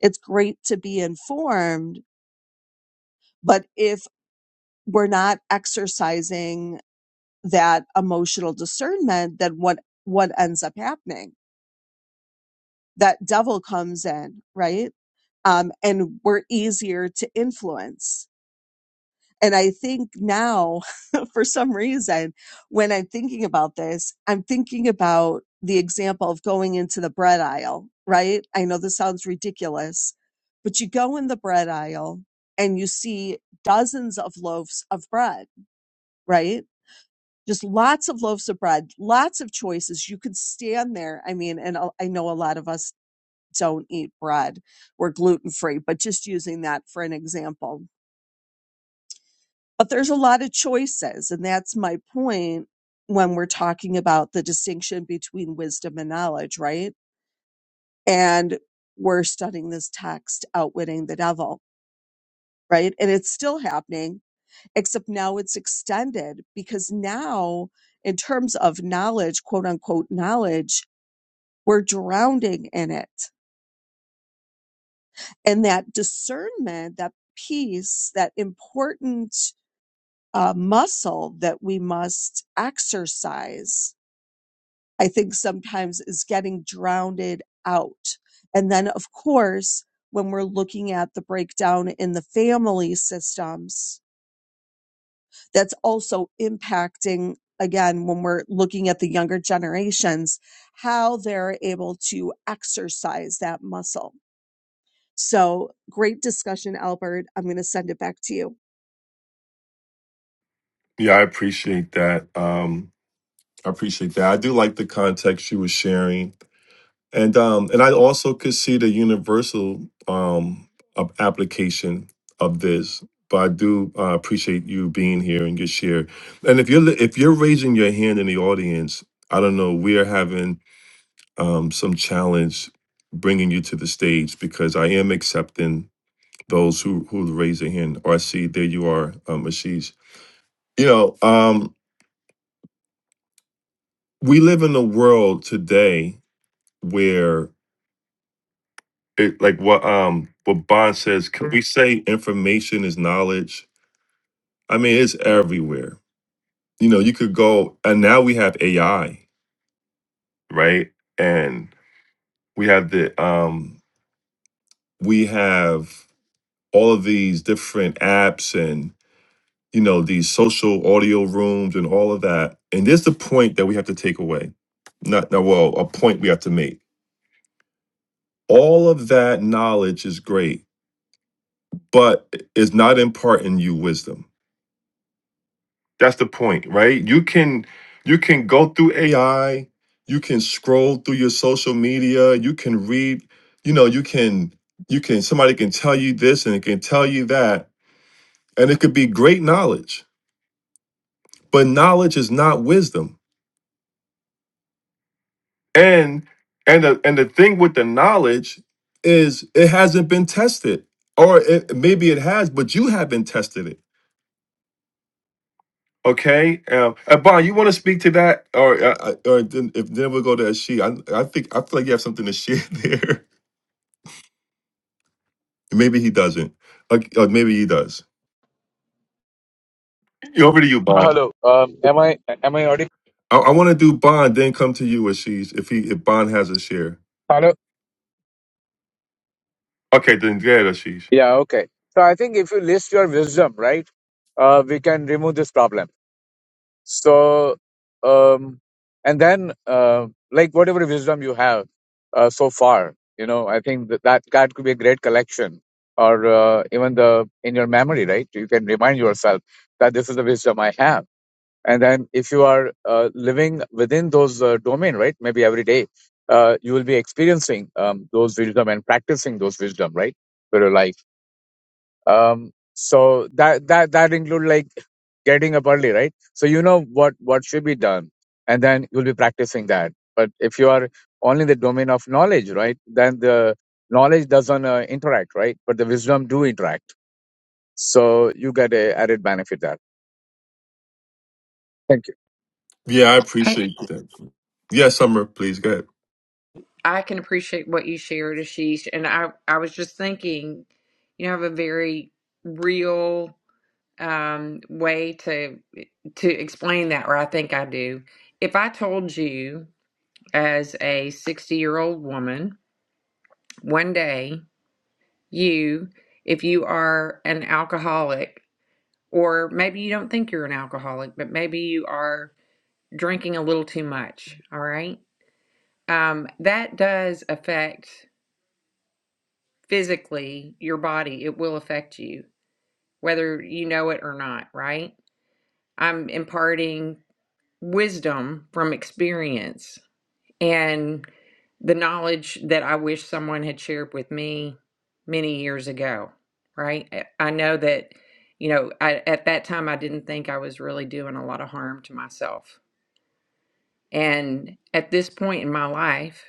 It's great to be informed, but if we're not exercising that emotional discernment, then what what ends up happening? That devil comes in, right? Um, and we're easier to influence And I think now, for some reason, when I'm thinking about this, I'm thinking about the example of going into the bread aisle, right? I know this sounds ridiculous, but you go in the bread aisle and you see dozens of loaves of bread, right? Just lots of loaves of bread, lots of choices. You could stand there. I mean, and I I know a lot of us don't eat bread, we're gluten free, but just using that for an example but there's a lot of choices and that's my point when we're talking about the distinction between wisdom and knowledge right and we're studying this text outwitting the devil right and it's still happening except now it's extended because now in terms of knowledge quote unquote knowledge we're drowning in it and that discernment that piece that important uh, muscle that we must exercise I think sometimes is getting drowned out. And then, of course, when we're looking at the breakdown in the family systems, that's also impacting, again, when we're looking at the younger generations, how they're able to exercise that muscle. So, great discussion, Albert. I'm going to send it back to you. Yeah, I appreciate that. Um, I appreciate that. I do like the context you were sharing, and um, and I also could see the universal um of application of this. But I do uh, appreciate you being here and your share. And if you're li- if you're raising your hand in the audience, I don't know, we are having um some challenge bringing you to the stage because I am accepting those who who raise their hand. Or I see there you are, um, Ashish. You know, um, we live in a world today where it, like what um what Bond says, can we say information is knowledge? I mean, it's everywhere. You know, you could go and now we have AI, right? And we have the um we have all of these different apps and you know these social audio rooms and all of that. And there's the point that we have to take away. Not no well, a point we have to make. All of that knowledge is great, but it's not imparting you wisdom That's the point, right? You can you can go through AI, you can scroll through your social media, you can read, you know, you can you can somebody can tell you this and it can tell you that, and it could be great knowledge, but knowledge is not wisdom. And and the, and the thing with the knowledge is it hasn't been tested, or it, maybe it has, but you haven't tested it Okay, um, uh, Bon, you want to speak to that, or uh, uh, or then, if then we'll go to She. I I think I feel like you have something to share there. maybe he doesn't. Like, or maybe he does. Over to you, Bon. Hello. Um, am I am I audible? I, I want to do Bond, then come to you, Ashish, if he if Bond has a share. Hello. Okay, then go ahead, Ashish. Yeah. Okay. So I think if you list your wisdom, right, uh, we can remove this problem. So, um, and then uh, like whatever wisdom you have uh, so far, you know, I think that that, that could be a great collection, or uh, even the in your memory, right? You can remind yourself that this is the wisdom I have and then if you are uh, living within those uh, domain right maybe every day uh, you will be experiencing um, those wisdom and practicing those wisdom right for your life um, so that that that include like getting up early right so you know what what should be done and then you'll be practicing that but if you are only in the domain of knowledge right then the knowledge doesn't uh, interact right but the wisdom do interact so you get a added benefit there thank you Yeah, I I, appreciate that. Yeah, Summer, please go I can appreciate what you shared, Ashish. And I, I was just thinking, you know, I have a very real um, way to to explain that, or I think I do. If I told you as a 60 year old woman one day you if you are an alcoholic, or maybe you don't think you're an alcoholic, but maybe you are drinking a little too much, all right? Um, that does affect physically your body. It will affect you, whether you know it or not, right? I'm imparting wisdom from experience and the knowledge that I wish someone had shared with me many years ago, right? I I know that, you know, I, at that time I didn't think I was really doing a lot of harm to myself. And at this point in my life,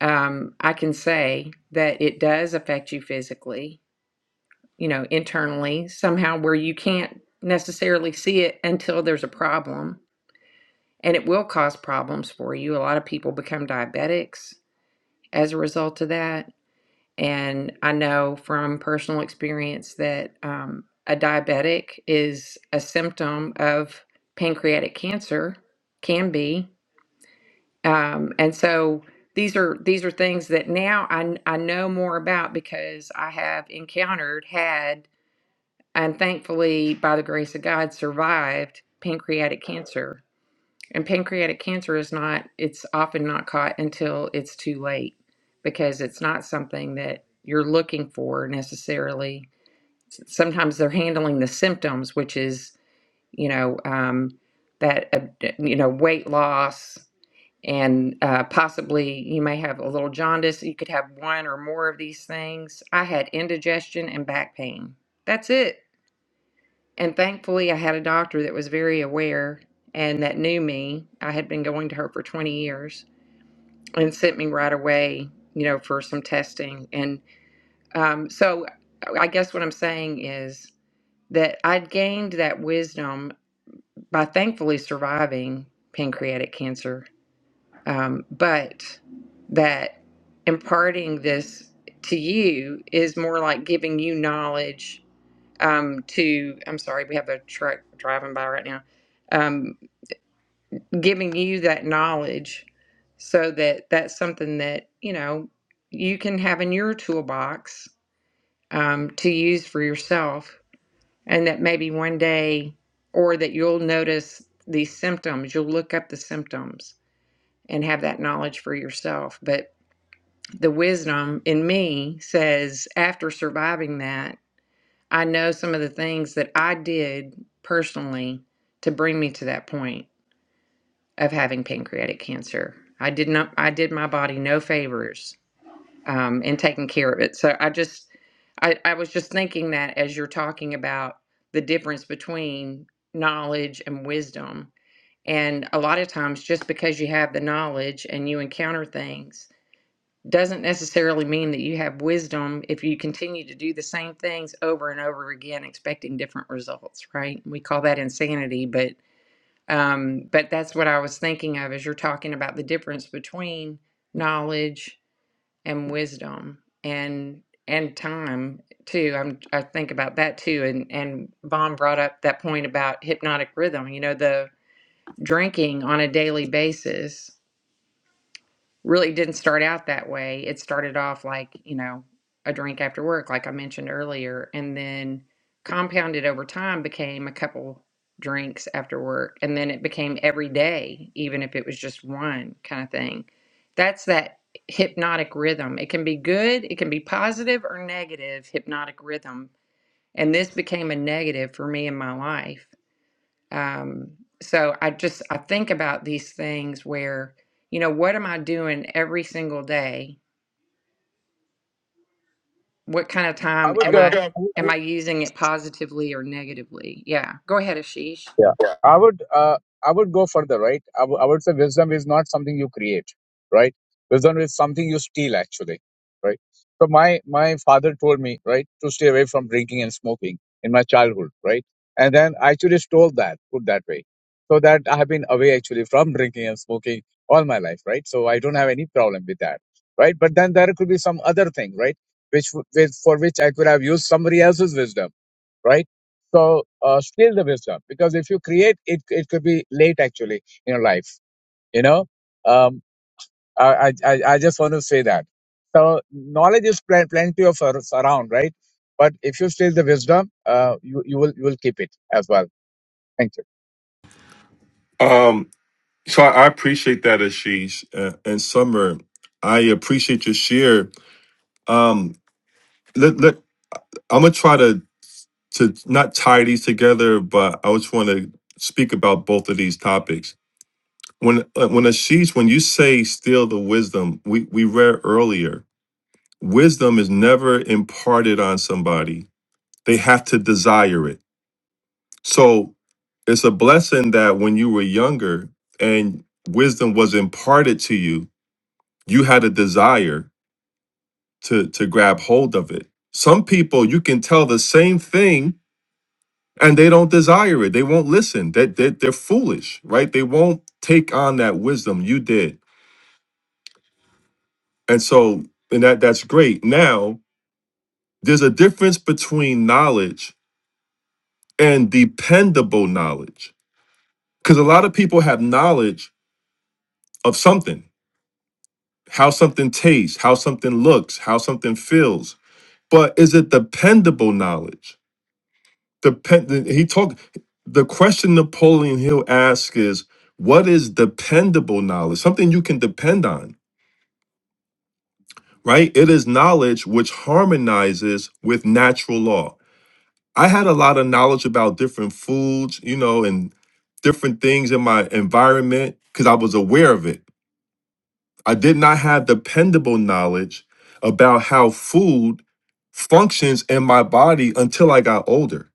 um, I can say that it does affect you physically, you know, internally, somehow where you can't necessarily see it until there's a problem. And it will cause problems for you. A lot of people become diabetics as a result of that And I know from personal experience that um, a diabetic is a symptom of pancreatic cancer, can be. Um, and so these are these are things that now I, kn- I know more about because I have encountered, had, and thankfully, by the grace of God, survived pancreatic cancer. And pancreatic cancer is not, it's often not caught until it's too late because it's not something that you're looking for necessarily. Sometimes they're handling the symptoms, which is, you know, um, that, uh, you know, weight loss and uh, possibly you may have a little jaundice. You could have one or more of these things. I had indigestion and back pain. That's it and thankfully, I had a doctor that was very aware and that knew me. I had been going to her for 20 years and sent me right away, you know, for some testing. And um, so I guess what I'm saying is that I'd gained that wisdom by thankfully surviving pancreatic cancer, um, but that imparting this to you is more like giving you knowledge um, to I'm sorry, we have a truck driving by right now, um, giving you that knowledge so that that's something that you know you can have in your toolbox um, to use for yourself, and that maybe one day or that you'll notice these symptoms, you'll look up the symptoms and have that knowledge for yourself, but. The wisdom in me says, after surviving that, I know some of the things that I did personally to bring me to that point of having pancreatic cancer. I did not. I did my body no favors um, in taking care of it. So I just, I, I was just thinking that as you're talking about the difference between knowledge and wisdom, and a lot of times just because you have the knowledge and you encounter things doesn't necessarily mean that you have wisdom if you continue to do the same things over and over again expecting different results right we call that insanity but um but that's what i was thinking of as you're talking about the difference between knowledge and wisdom and and time too i'm i think about that too and and Vaughn brought up that point about hypnotic rhythm you know the drinking on a daily basis really didn't start out that way. It started off like, you know, a drink after work, like I mentioned earlier, and then compounded over time became a couple drinks after work. And then it became every day, even if it was just one kind of thing. That's that hypnotic rhythm. It can be good, it can be positive or negative hypnotic rhythm. And this became a negative for me in my life um, so I just I think about these things where, you know, what am I doing every single day? What kind of i time I am would would I uh, go. am I using it positively or negatively? Yeah. Go ahead, Ashish. Yeah. I would uh, I would go further, right? I wou- I would say wisdom is not something you create, right? Wisdom is something you steal, actually, right? So my my father told me, right, to stay away from drinking and smoking in my childhood, right? And then I actually stole that, put that way, so that I have been away actually from drinking and smoking all my life, right? So I don't have any problem with that, right? But then there could be some other thing, right? Which, w- which for which I could have used somebody else's wisdom right? So uh, steal the wisdom because if you create it, it could be late actually in your life. You know, um, I, I I I just want to say that. So knowledge is pl- plenty of ar- around, right? But if you steal the wisdom, uh, you you will you will keep it as well. Thank you. ahead. Um, so I, I appreciate that, Ashish, uh, and Summer, I appreciate your share. Um, let let I'm gonna try to to not tie these together, but I just want to speak about both of these topics. When uh, when Ashish, when you say steal the wisdom, we we read earlier, wisdom is never imparted on somebody. They have to desire it. So it's a blessing that when you were younger and wisdom was imparted to you, you had a desire to to grab hold of it. Some people you can tell the same thing and they don't desire it. They won't listen. They, they, they're foolish, right? They won't take on that wisdom you did. And so, and that that's great. Now, there's a difference between knowledge and dependable knowledge. Because a lot of people have knowledge of something, how something tastes, how something looks, how something feels. But is it dependable knowledge? Depend he talked the question Napoleon Hill asks is what is dependable knowledge? Something you can depend on right? It is knowledge which harmonizes with natural law. I had a lot of knowledge about different foods, you know, and different things in my environment because I was aware of it. I did not have dependable knowledge about how food functions in my body until I got older.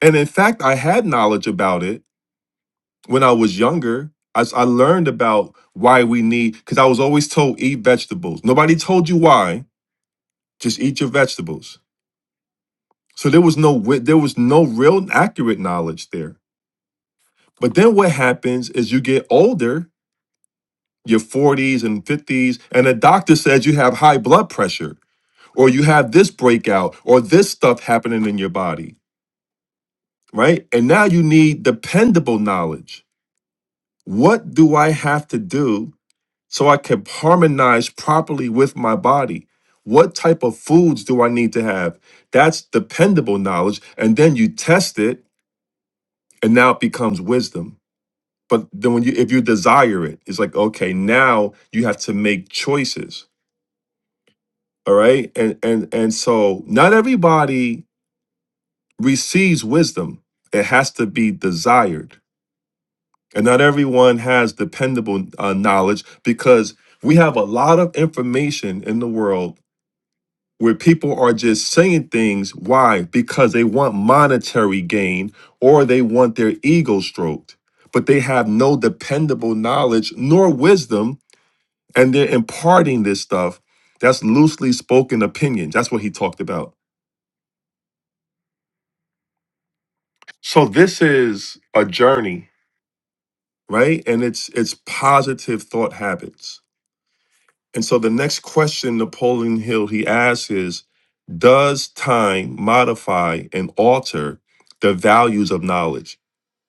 And in fact, I had knowledge about it when I was younger. I, s- I learned about why we need, because I was always told eat vegetables. Nobody told you why, just eat your vegetables So there was no wi- there was no real accurate knowledge there. But then what happens is you get older, your 40s and 50s, and a doctor says you have high blood pressure or you have this breakout or this stuff happening in your body, right? And now you need dependable knowledge. What do I have to do so I can harmonize properly with my body? What type of foods do I need to have? That's dependable knowledge. And then you test it, and now it becomes wisdom. But then when you if you desire it, it's like, okay, now you have to make choices. All right. And and and so not everybody receives wisdom. It has to be desired. And not everyone has dependable uh, knowledge because we have a lot of information in the world where people are just saying things. Why? Because they want monetary gain or they want their ego stroked, but they have no dependable knowledge nor wisdom and they're imparting this stuff that's loosely spoken opinions that's what he talked about so this is a journey right and it's it's positive thought habits and so the next question napoleon hill he asks is does time modify and alter the values of knowledge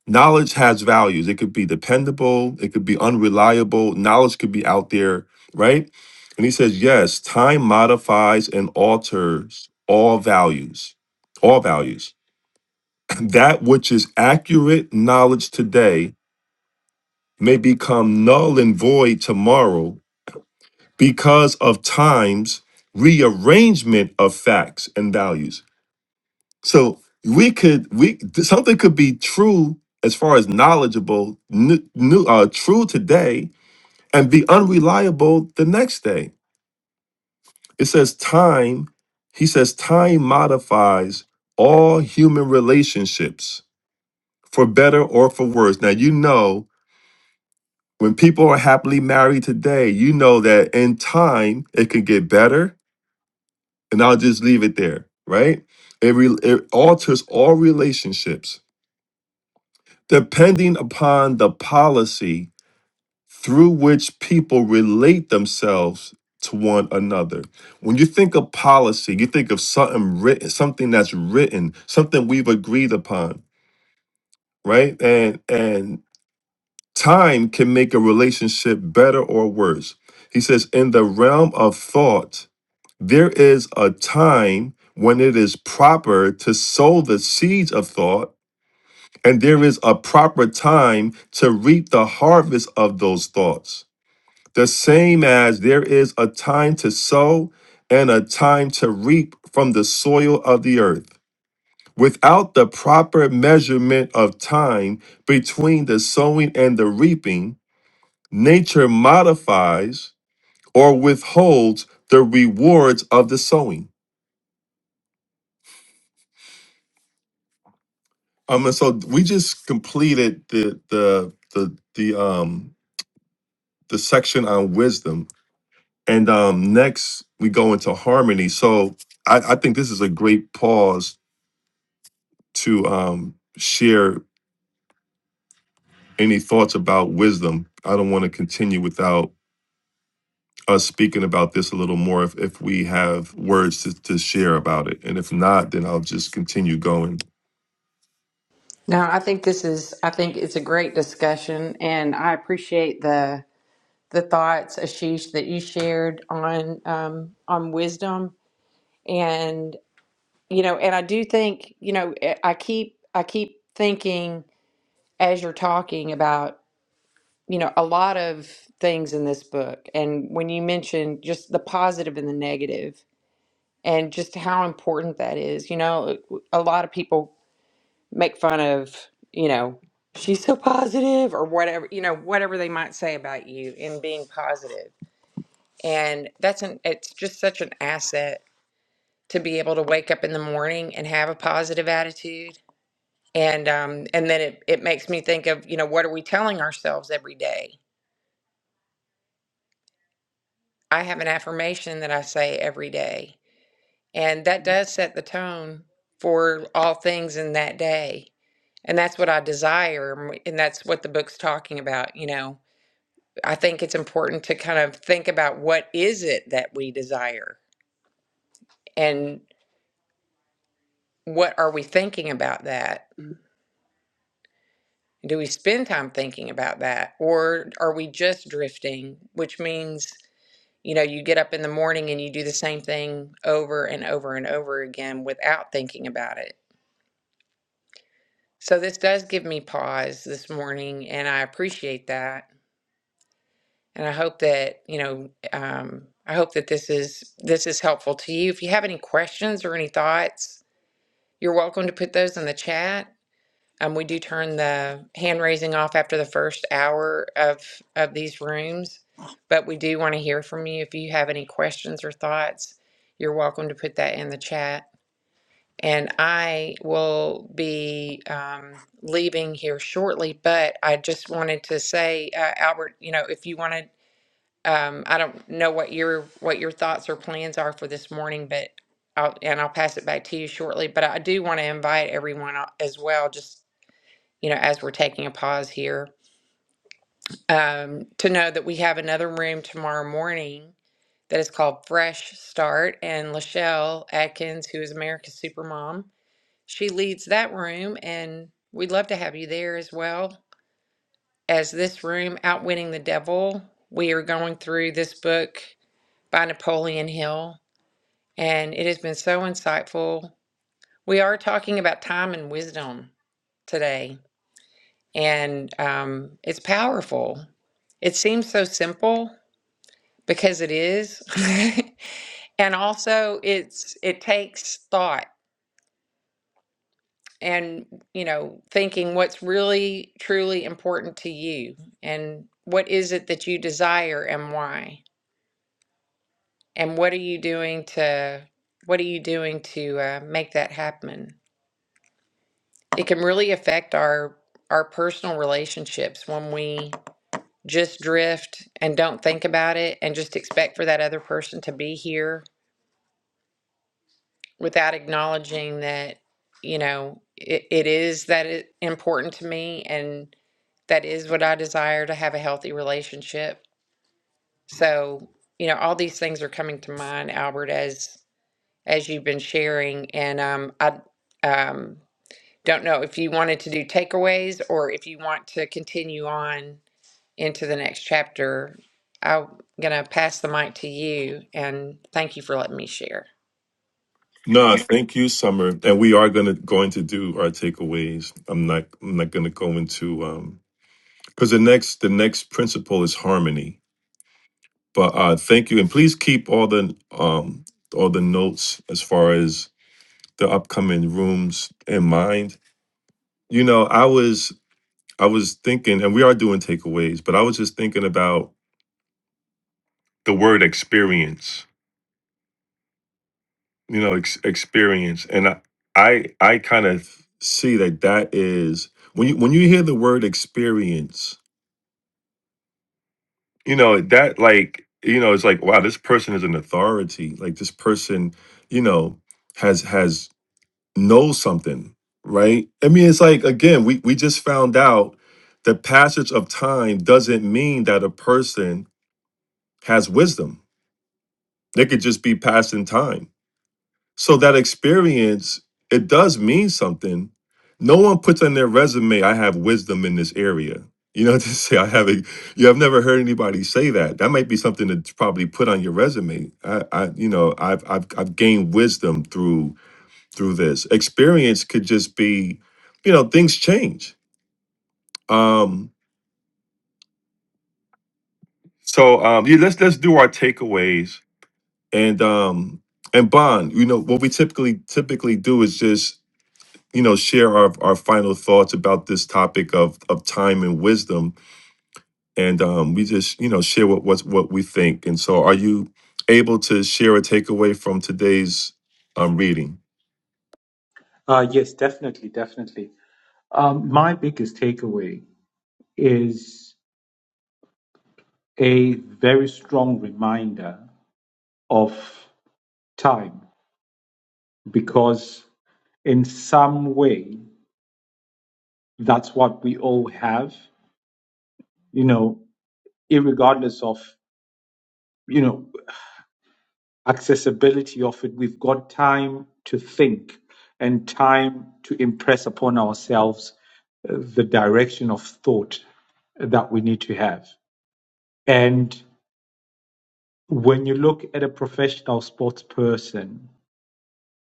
knowledge has values. It could be dependable, it could be unreliable, knowledge could be out there, right? And he says, yes, time modifies and alters all values, all values. That which is accurate knowledge today may become null and void tomorrow because of time's rearrangement of facts and values. So we could we something could be true as far as knowledgeable, new, new uh, true today, and be unreliable the next day. It says time. He says time modifies all human relationships for better or for worse. Now you know when people are happily married today, you know that in time it can get better, and I'll just leave it there, right? It, re- it alters all relationships depending upon the policy through which people relate themselves to one another. When you think of policy, you think of something written, something that's written, something we've agreed upon, right? And and time can make a relationship better or worse. He says in the realm of thought, there is a time when it is proper to sow the seeds of thought And there is a proper time to reap the harvest of those thoughts. The same as there is a time to sow and a time to reap from the soil of the earth. Without the proper measurement of time between the sowing and the reaping, nature modifies or withholds the rewards of the sowing. Um, and so we just completed the the the the um the section on wisdom And um, next, we go into harmony. So I, I think this is a great pause to um, share any thoughts about wisdom. I don't want to continue without us speaking about this a little more if, if we have words to, to share about it. And if not, then I'll just continue going. No, I think this is I think it's a great discussion and I appreciate the the thoughts, Ashish, that you shared on um, on wisdom and you know, and I do think, you know, eh, I keep I keep thinking as you're talking about you know, a lot of things in this book. And when you mentioned just the positive and the negative and just how important that is, you know, a lot of people make fun of, you know, she's so positive or whatever, you know, whatever they might say about you in being positive. And that's an, it's just such an asset to be able to wake up in the morning and have a positive attitude. And, um, and then it, it makes me think of, you know, what are we telling ourselves every day? I have an affirmation that I say every day. And that does set the tone for all things in that day. And that's what I desire. And that's what the book's talking about. You know, I think it's important to kind of think about what is it that we desire and what are we thinking about that? Do we spend time thinking about that? Or are we just drifting, which means you know, you get up in the morning and you do the same thing over and over and over again without thinking about it. So this does give me pause this morning, and I appreciate that. And I hope that, you know, um, I hope that this is this is helpful to you. If you have any questions or any thoughts, you're welcome to put those in the chat. Um, we do turn the hand raising off after the first hour of of these rooms, but we do want to hear from you. If you have any questions or thoughts, you're welcome to put that in the chat. And I will be um, leaving here shortly, but I just wanted to say, uh, Albert, you know, if you wanted, um, I don't know what your what your thoughts or plans are for this morning, but I'll, and I'll pass it back to you shortly. But I do want to invite everyone o- as well, just you know, as we're taking a pause here, um, to know that we have another room tomorrow morning that is called Fresh Start, and Lachelle Atkins, who is America's Supermom she leads that room, and we'd love to have you there as well as this room, Outwitting the Devil. We are going through this book by Napoleon Hill, and it has been so insightful. We are talking about time and wisdom today, and um, it's powerful. It seems so simple because it is. and also it's it takes thought and you know thinking what's really truly important to you and what is it that you desire and why and what are you doing to what are you doing to uh, make that happen it can really affect our our personal relationships when we just drift and don't think about it and just expect for that other person to be here without acknowledging that you know it, it is that it important to me and that is what I desire to have a healthy relationship. So, you know, all these things are coming to mind, Albert, as as you've been sharing. And um, I um, don't know if you wanted to do takeaways or if you want to continue on into the next chapter. I'm gonna pass the mic to you, and thank you for letting me share. No, thank you, Summer. And we are gonna going to do our takeaways. I'm not I'm not gonna go into um because the next the next principle is harmony But uh, thank you, and please keep all the um, all the notes as far as the upcoming rooms in mind. You know, I was I was thinking, and we are doing takeaways, but I was just thinking about the word experience. You know, ex- experience, and I I, I kind of see that that is when you when you hear the word experience, you know that like you know it's like wow, this person is an authority. Like this person, you know, has has know something, right? I mean, it's like again, we we just found out the passage of time doesn't mean that a person has wisdom. They could just be passing time. So that experience, it does mean something. No one puts on their resume, I have wisdom in this area. You know, to say I have a you have never heard anybody say that. That might be something to probably put on your resume. I, I you know, I've I've I've gained wisdom through through this. Experience could just be, you know, things change. Um, so um, yeah, let's let's do our takeaways and um, and bond. You know, what we typically typically do is just you know share our our final thoughts about this topic of of time and wisdom, and um, we just you know share what what's what we think. And so, are you able to share a takeaway from today's um, reading? Uh, yes, definitely, definitely. Um, my biggest takeaway is a very strong reminder of time because, in some way, that's what we all have, you know, irregardless of, you know, accessibility of it. We've got time to think and time to impress upon ourselves uh, the direction of thought that we need to have. and. when you look at a professional sports person,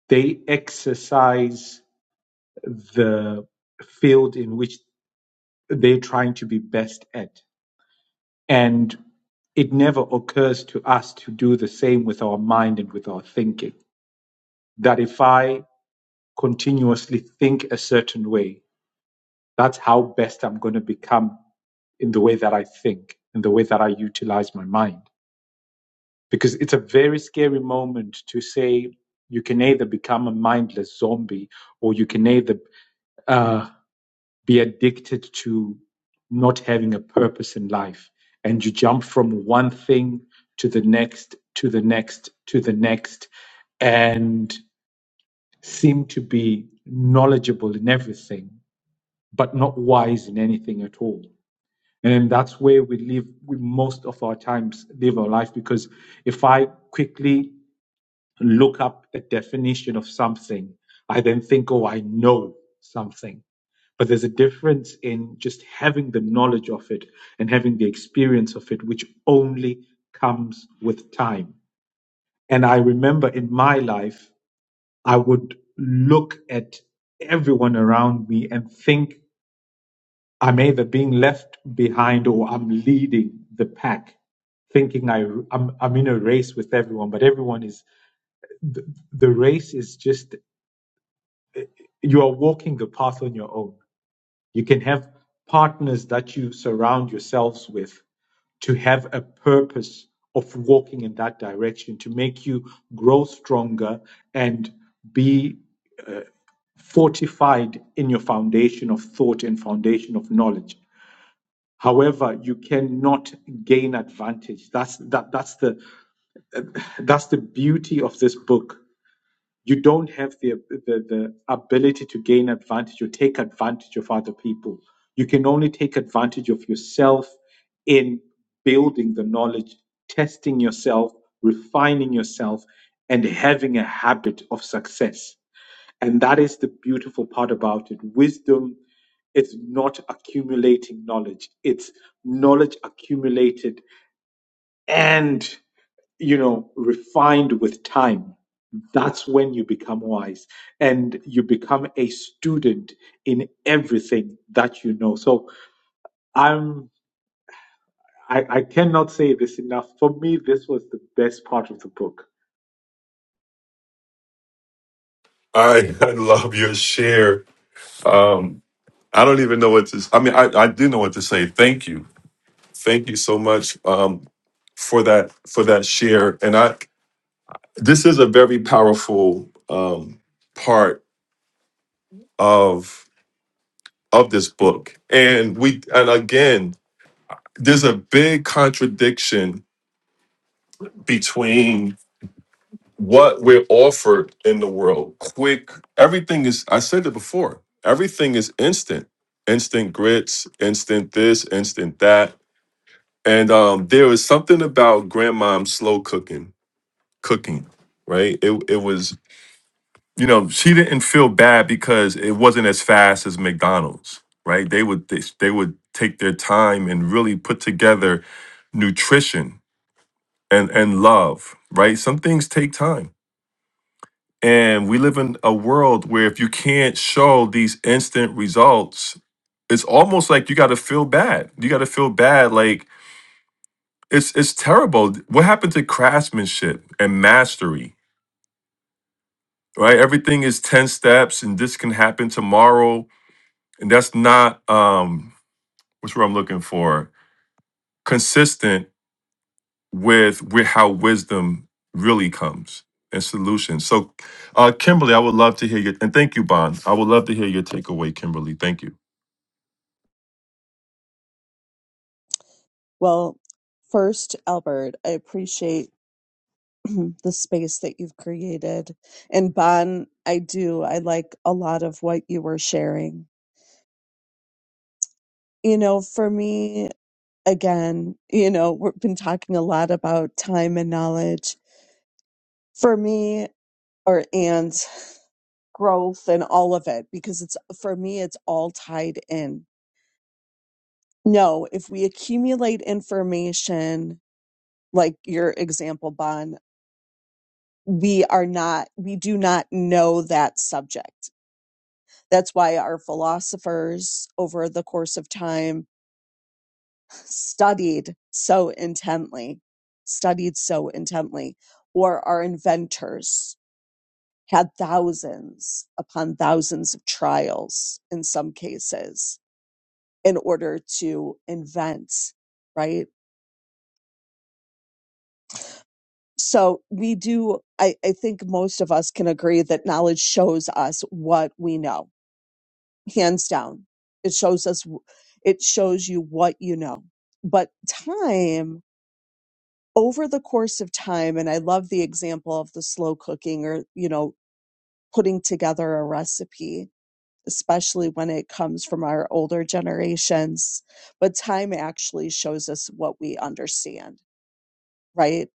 they exercise the field in which they're trying to be best at. And it never occurs to us to do the same with our mind and with our thinking. That if I continuously think a certain way, that's how best I'm going to become in the way that I think, in the way that I utilize my mind. because it's a very scary moment to say you can either become a mindless zombie or you can either uh, be addicted to not having a purpose in life and you jump from one thing to the next to the next to the next and seem to be knowledgeable in everything but not wise in anything at all and that's where we live we most of our times live our life because if i quickly look up a definition of something, I then think, oh, I know something. But there's a difference in just having the knowledge of it and having the experience of it, which only comes with time. And I remember in my life, I would look at everyone around me and think I'm either being left behind or I'm leading the pack thinking I, I'm, I'm in a race with everyone, but everyone is, the, the race is just you are walking the path on your own. You can have partners that you surround yourselves with to have a purpose of walking in that direction to make you grow stronger and be fortified in your foundation of thought and foundation of knowledge. However, you cannot gain advantage. That's that, that's the that's the beauty of this book you don't have the, the, the ability to gain advantage or take advantage of other people. You can only take advantage of yourself in building the knowledge, testing yourself, refining yourself, and having a habit of success. And that is the beautiful part about it. Wisdom is not accumulating knowledge, it's knowledge accumulated and, you know, refined with time that's when you become wise and you become a student in everything that you know so i'm i, I cannot say this enough for me this was the best part of the book I, I love your share. Um, I don't even know what to. I mean, I, I do know what to say. Thank you, thank you so much um, for that for that share. And I, this is a very powerful um, part of of this book. And we, and again, there's a big contradiction between what we're offered in the world. Quick, everything is. I said it before. Everything is instant. Instant grits, instant this, instant that And um, there was something about grandmom's slow cooking, cooking, right? It it was, you know, she didn't feel bad because it wasn't as fast as McDonald's, right? They would they, they would take their time and really put together nutrition and and love, right? Some things take time. And we live in a world where if you can't show these instant results, it's almost like you got to feel bad. You got to feel bad like it's it's terrible. What happened to craftsmanship and mastery? Right? Everything is 10 steps and this can happen tomorrow. And that's not um what's what I'm looking for, consistent with with how wisdom really comes and solutions. So uh Kimberly, I would love to hear your and thank you, Bon. I would love to hear your takeaway, Kimberly. Thank you. Well, first, Albert, I appreciate the space that you've created. And Bon, I do. I like a lot of what you were sharing. You know, for me, again, you know, we've been talking a lot about time and knowledge. For me, or and growth and all of it, because it's for me, it's all tied in. No, if we accumulate information, like your example, Bon, we are not, we do not know that subject That's why our philosophers over the course of time studied so intently, studied so intently, or our inventors had thousands upon thousands of trials in some cases in order to invent, right? So we do, I, I think most of us can agree that knowledge shows us what we know hands down. It shows us, it shows you what you know. But time over the course of time, and I love the example of the slow cooking or, you know, putting together a recipe, especially when it comes from our older generations. But time actually shows us what we understand, right?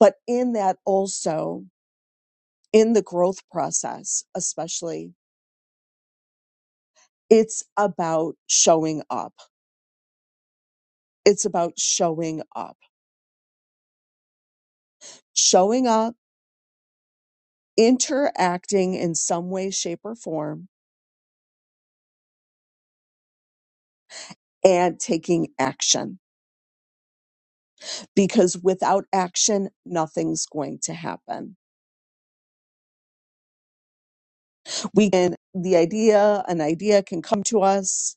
But in that also, in the growth process, especially, it's about showing up. It's about showing up showing up, interacting in some way, shape, or form, and taking action. Because without action, nothing's going to happen. We can, the idea, an idea can come to us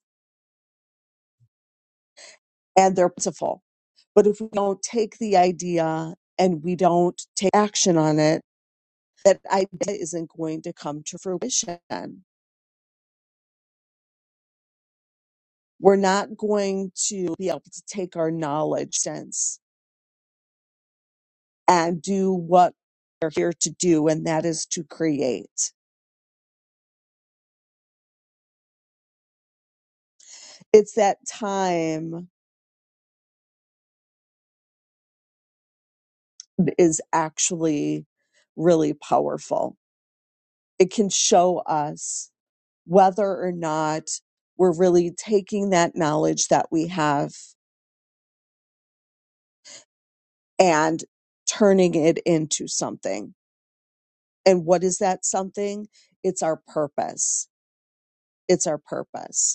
and they're plentiful. But if we don't take the idea and we don't take action on it, that idea isn't going to come to fruition. We're not going to be able to take our knowledge sense and do what they're here to do, and that is to create. It's that time is actually really powerful. It can show us whether or not we're really taking that knowledge that we have and turning it into something. And what is that something? It's our purpose. It's our purpose.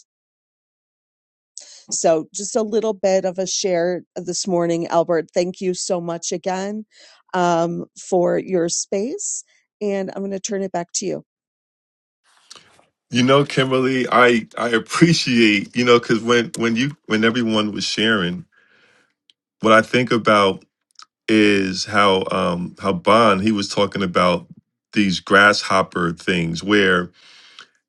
So, just a little bit of a share this morning, Albert. Thank you so much again um, for your space. And I'm going to turn it back to you. You know, Kimberly, I I appreciate, you know, because when when you when everyone was sharing, what I think about is how um how Bond he was talking about these grasshopper things where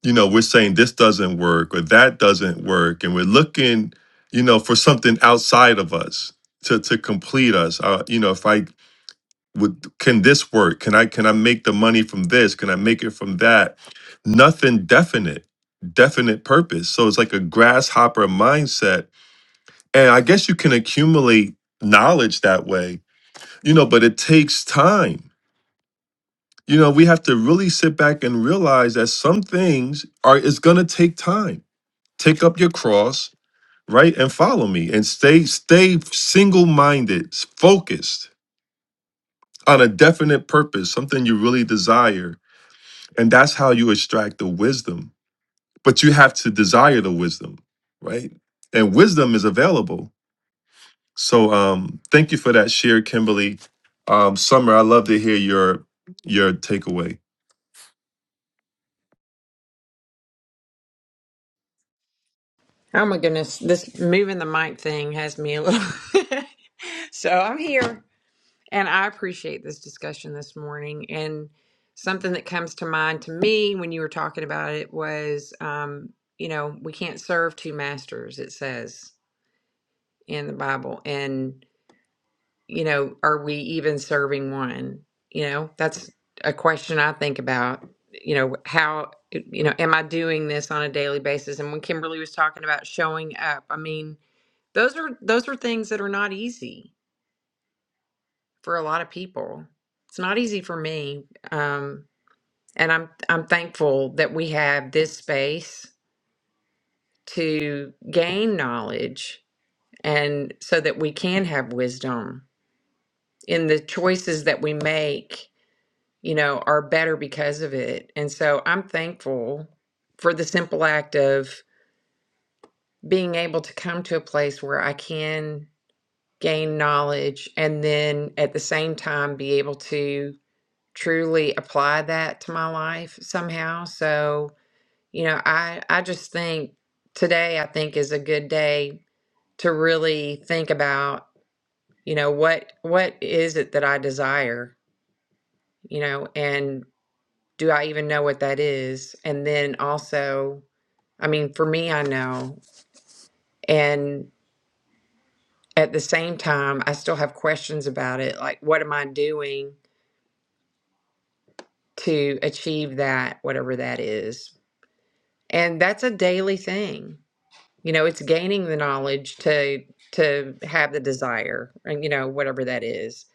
you know we're saying this doesn't work or that doesn't work and we're looking you know for something outside of us to to complete us uh, you know if I would can this work can I can I make the money from this can I make it from that nothing definite definite purpose so it's like a grasshopper mindset and I guess you can accumulate knowledge that way you know but it takes time you know we have to really sit back and realize that some things are it's going to take time take up your cross right and follow me and stay stay single-minded focused on a definite purpose something you really desire and that's how you extract the wisdom but you have to desire the wisdom right and wisdom is available so um thank you for that share kimberly um summer i love to hear your your takeaway Oh my goodness, this moving the mic thing has me a little. so I'm here. And I appreciate this discussion this morning. And something that comes to mind to me when you were talking about it was, um, you know, we can't serve two masters, it says in the Bible. And, you know, are we even serving one? You know, that's a question I think about. You know, how, you know, am I doing this on a daily basis? And when Kimberly was talking about showing up, I mean, those are those are things that are not easy for a lot of people. It's not easy for me, um, and I'm I'm thankful that we have this space to gain knowledge, and so that we can have wisdom in the choices that we make. You know, are better because of it, and so I'm thankful for the simple act of being able to come to a place where I can gain knowledge, and then at the same time be able to truly apply that to my life somehow. So, you know, I I just think today I think is a good day to really think about, you know, what what is it that I desire, you know, and do I even know what that is? And then also, I mean, for me I know and at the same time I still have questions about it, like what am I doing to achieve that whatever that is? And that's a daily thing You know, it's gaining the knowledge to to have the desire, and you know, whatever that is.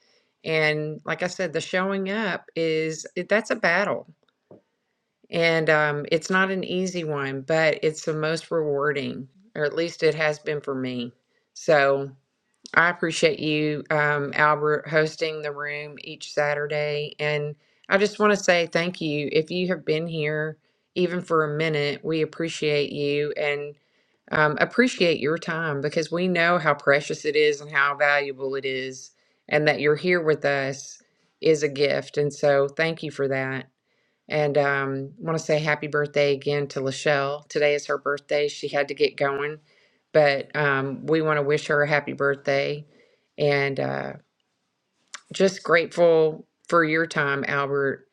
And like I said, the showing up is it, that's a battle, and um, it's not an easy one, but it's the most rewarding, or at least it has been for me. So. I appreciate you, um, Albert, hosting the room each Saturday. And I just want to say thank you. If you have been here even for a minute, we appreciate you and um, appreciate your time because we know how precious it is and how valuable it is. And that you're here with us is a gift. And so thank you for that. And um, want to say happy birthday again to Lachelle. Today is her birthday. She had to get going, but um, we want to wish her a happy birthday. And uh, just grateful for your time, Albert,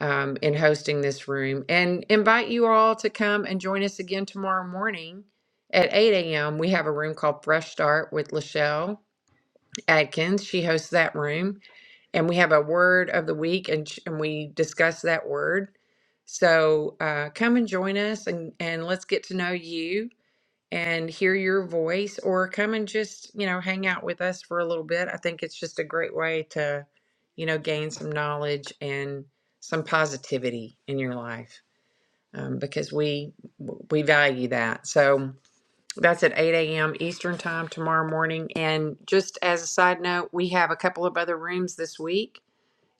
um, in hosting this room. And invite you all to come and join us again tomorrow morning at 8 a.m. We have a room called Fresh Start with Lachelle Adkins. She hosts that room, and we have a word of the week, and sh- and we discuss that word. So uh, come and join us, and and let's get to know you and hear your voice, or come and just you know hang out with us for a little bit. I think it's just a great way to, you know, gain some knowledge and some positivity in your life um, because we we value that. So. That's at 8 a.m. Eastern Time tomorrow morning. And just as a side note, we have a couple of other rooms this week.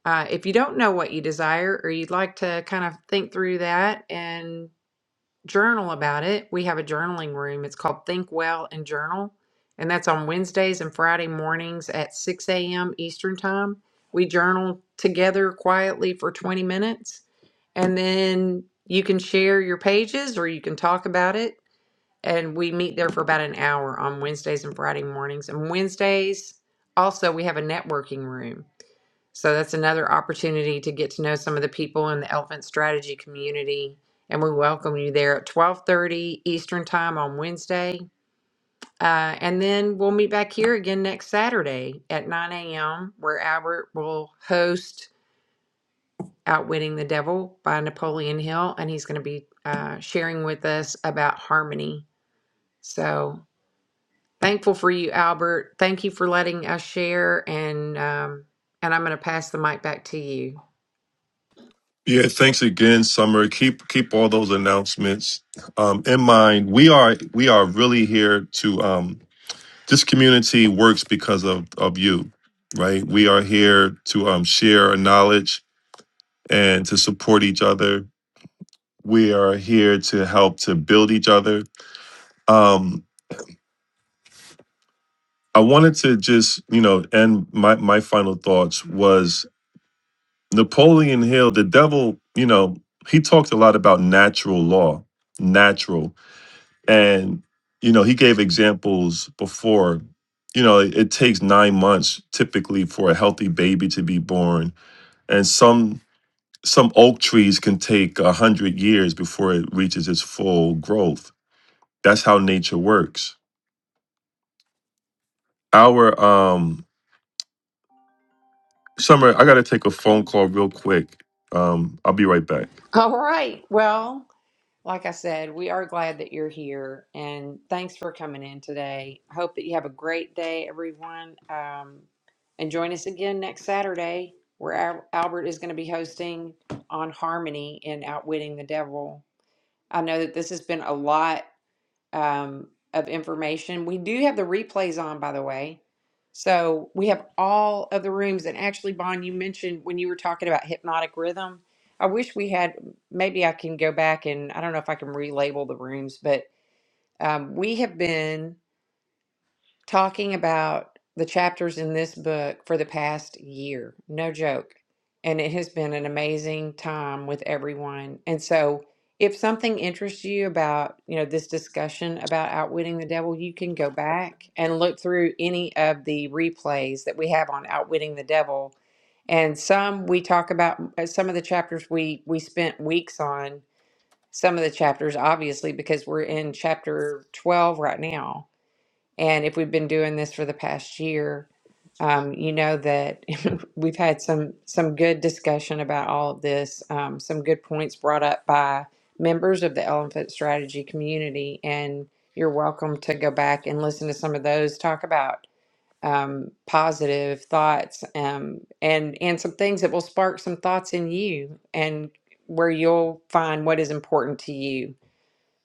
Uh, if you don't know what you desire or you'd like to kind of think through that and journal about it, we have a journaling room. It's called Think Well and Journal. And that's on Wednesdays and Friday mornings at 6 a.m. Eastern Time. We journal together quietly for 20 minutes. And then you can share your pages or you can talk about it and we meet there for about an hour on Wednesdays and Friday mornings. And Wednesdays, also, we have a networking room. So that's another opportunity to get to know some of the people in the Elephant Strategy community. And we welcome you there at 12:30 Eastern Time on Wednesday. Uh, and then we'll meet back here again next Saturday at 9 a.m., where Albert will host Outwitting the Devil by Napoleon Hill. And he's going to be uh, sharing with us about harmony. So Thankful for you, Albert. Thank you for letting us share, and um, and I'm going to pass the mic back to you. Yeah, thanks again, Summer. Keep keep all those announcements um, in mind. We are we are really here to um, this community works because of of you, right? We are here to um, share our knowledge and to support each other. We are here to help to build each other. Um, I wanted to just you know, end my my final thoughts was Napoleon Hill, the devil. You know, he talked a lot about natural law, natural. And, you know, he gave examples before, you know, it, it takes nine months typically for a healthy baby to be born. And some some oak trees can take a hundred years before it reaches its full growth. That's how nature works. Our um summer, I gotta take a phone call real quick. Um, I'll be right back. All right. Well, like I said, we are glad that you're here and thanks for coming in today. Hope that you have a great day, everyone. Um, and join us again next Saturday where Al- Albert is going to be hosting on Harmony and Outwitting the Devil. I know that this has been a lot. um, of information. We do have the replays on, by the way. So we have all of the rooms. And actually, Bon, you mentioned when you were talking about hypnotic rhythm. I wish we had, maybe I can go back and I don't know if I can relabel the rooms, but um, we have been talking about the chapters in this book for the past year. No joke. And it has been an amazing time with everyone. And so if something interests you about, you know, this discussion about outwitting the devil, you can go back and look through any of the replays that we have on outwitting the devil. And some we talk about uh, some of the chapters we we spent weeks on, some of the chapters obviously because we're in chapter 12 right now and if we've been doing this for the past year, um, you know that we've had some some good discussion about all of this, um, some good points brought up by members of the Elephant Strategy community, and you're welcome to go back and listen to some of those. Talk about um, positive thoughts um, and and some things that will spark some thoughts in you, and where you'll find what is important to you.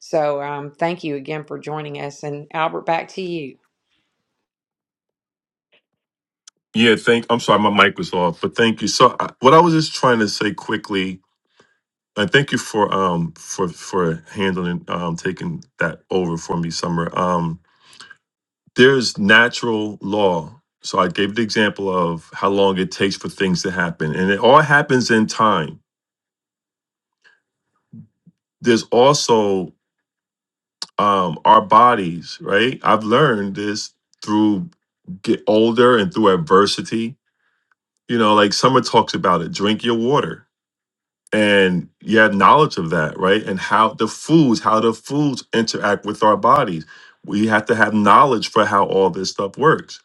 So um, thank you again for joining us, and Albert, back to you. Yeah, thank I'm sorry, my mic was off, but thank you. So I, what I was just trying to say quickly I thank you for um for for handling um taking that over for me, Summer. Um, there's natural law. So I gave the example of how long it takes for things to happen, and it all happens in time. There's also um our bodies, right? I've learned this through get older and through adversity. You know, like Summer talks about it. Drink your water and you have knowledge of that, right? And how the foods, how the foods interact with our bodies. We have to have knowledge for how all this stuff works,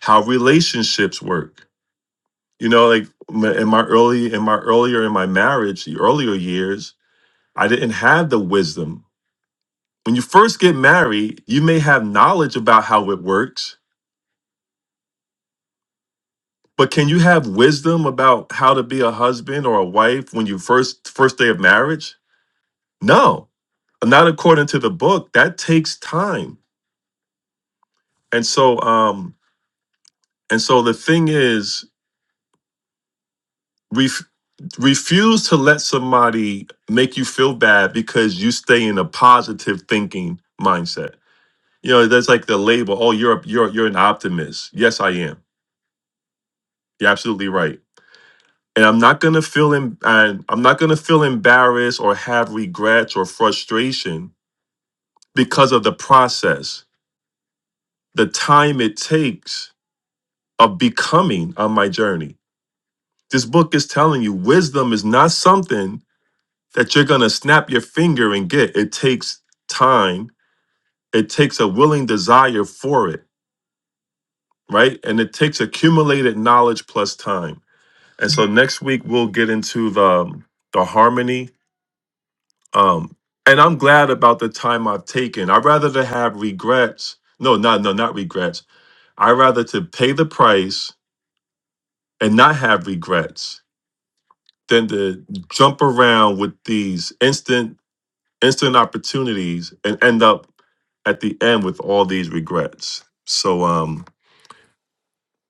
how relationships work. You know, like m- in my early, in my earlier, in my marriage, the earlier years, I didn't have the wisdom. When you first get married, you may have knowledge about how it works, but can you have wisdom about how to be a husband or a wife when you first first day of marriage? No not according to the book that takes time and so um and so the thing is ref- refuse to let somebody make you feel bad because you stay in a positive thinking mindset you know that's like the label oh you're a, you're you're an optimist yes i am you're absolutely right and i'm not going to feel em- and i'm not going to feel embarrassed or have regrets or frustration because of the process the time it takes of becoming on my journey This book is telling you wisdom is not something that you're going to snap your finger and get. It takes time, it takes a willing desire for it, right? And it takes accumulated knowledge plus time. And so next week we'll get into the um, the harmony um and I'm glad about the time I've taken. I'd rather to have regrets. No, no, no, not regrets. I'd rather to pay the price and not have regrets than to jump around with these instant instant opportunities and end up at the end with all these regrets. So um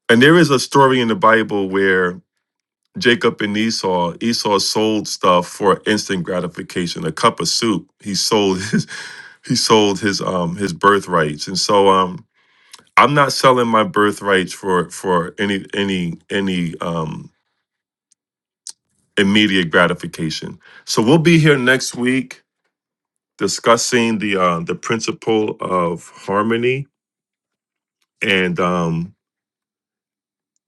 and there is a story in the Bible where Jacob and Esau, Esau sold stuff for instant gratification, a cup of soup. He sold his he sold his um his birthrights. And so um I'm not selling my birthrights for for any any any um immediate gratification. So we'll be here next week discussing the uh the principle of harmony and um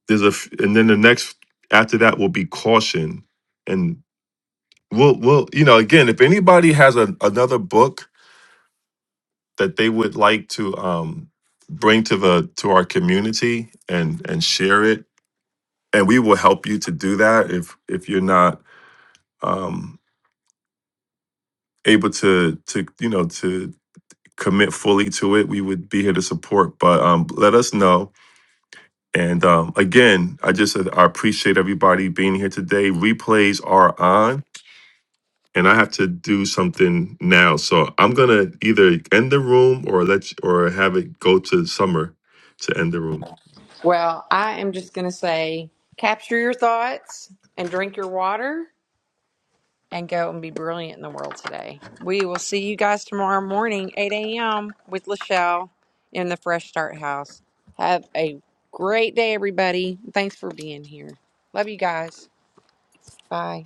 there's a f- and then the next after that will be caution and we'll we'll you know again if anybody has a, another book that they would like to um bring to the to our community and and share it and we will help you to do that if if you're not um able to to you know to commit fully to it we would be here to support but um let us know and um again i just i appreciate everybody being here today replays are on and I have to do something now. So I'm gonna either end the room or let you, or have it go to summer to end the room. Well, I am just going to say capture your thoughts and drink your water and go and be brilliant in the world today. We will see you guys tomorrow morning, 8 a.m., with Lachelle in the Fresh Start House. Have a great day, everybody. Thanks for being here. Love you guys. Bye.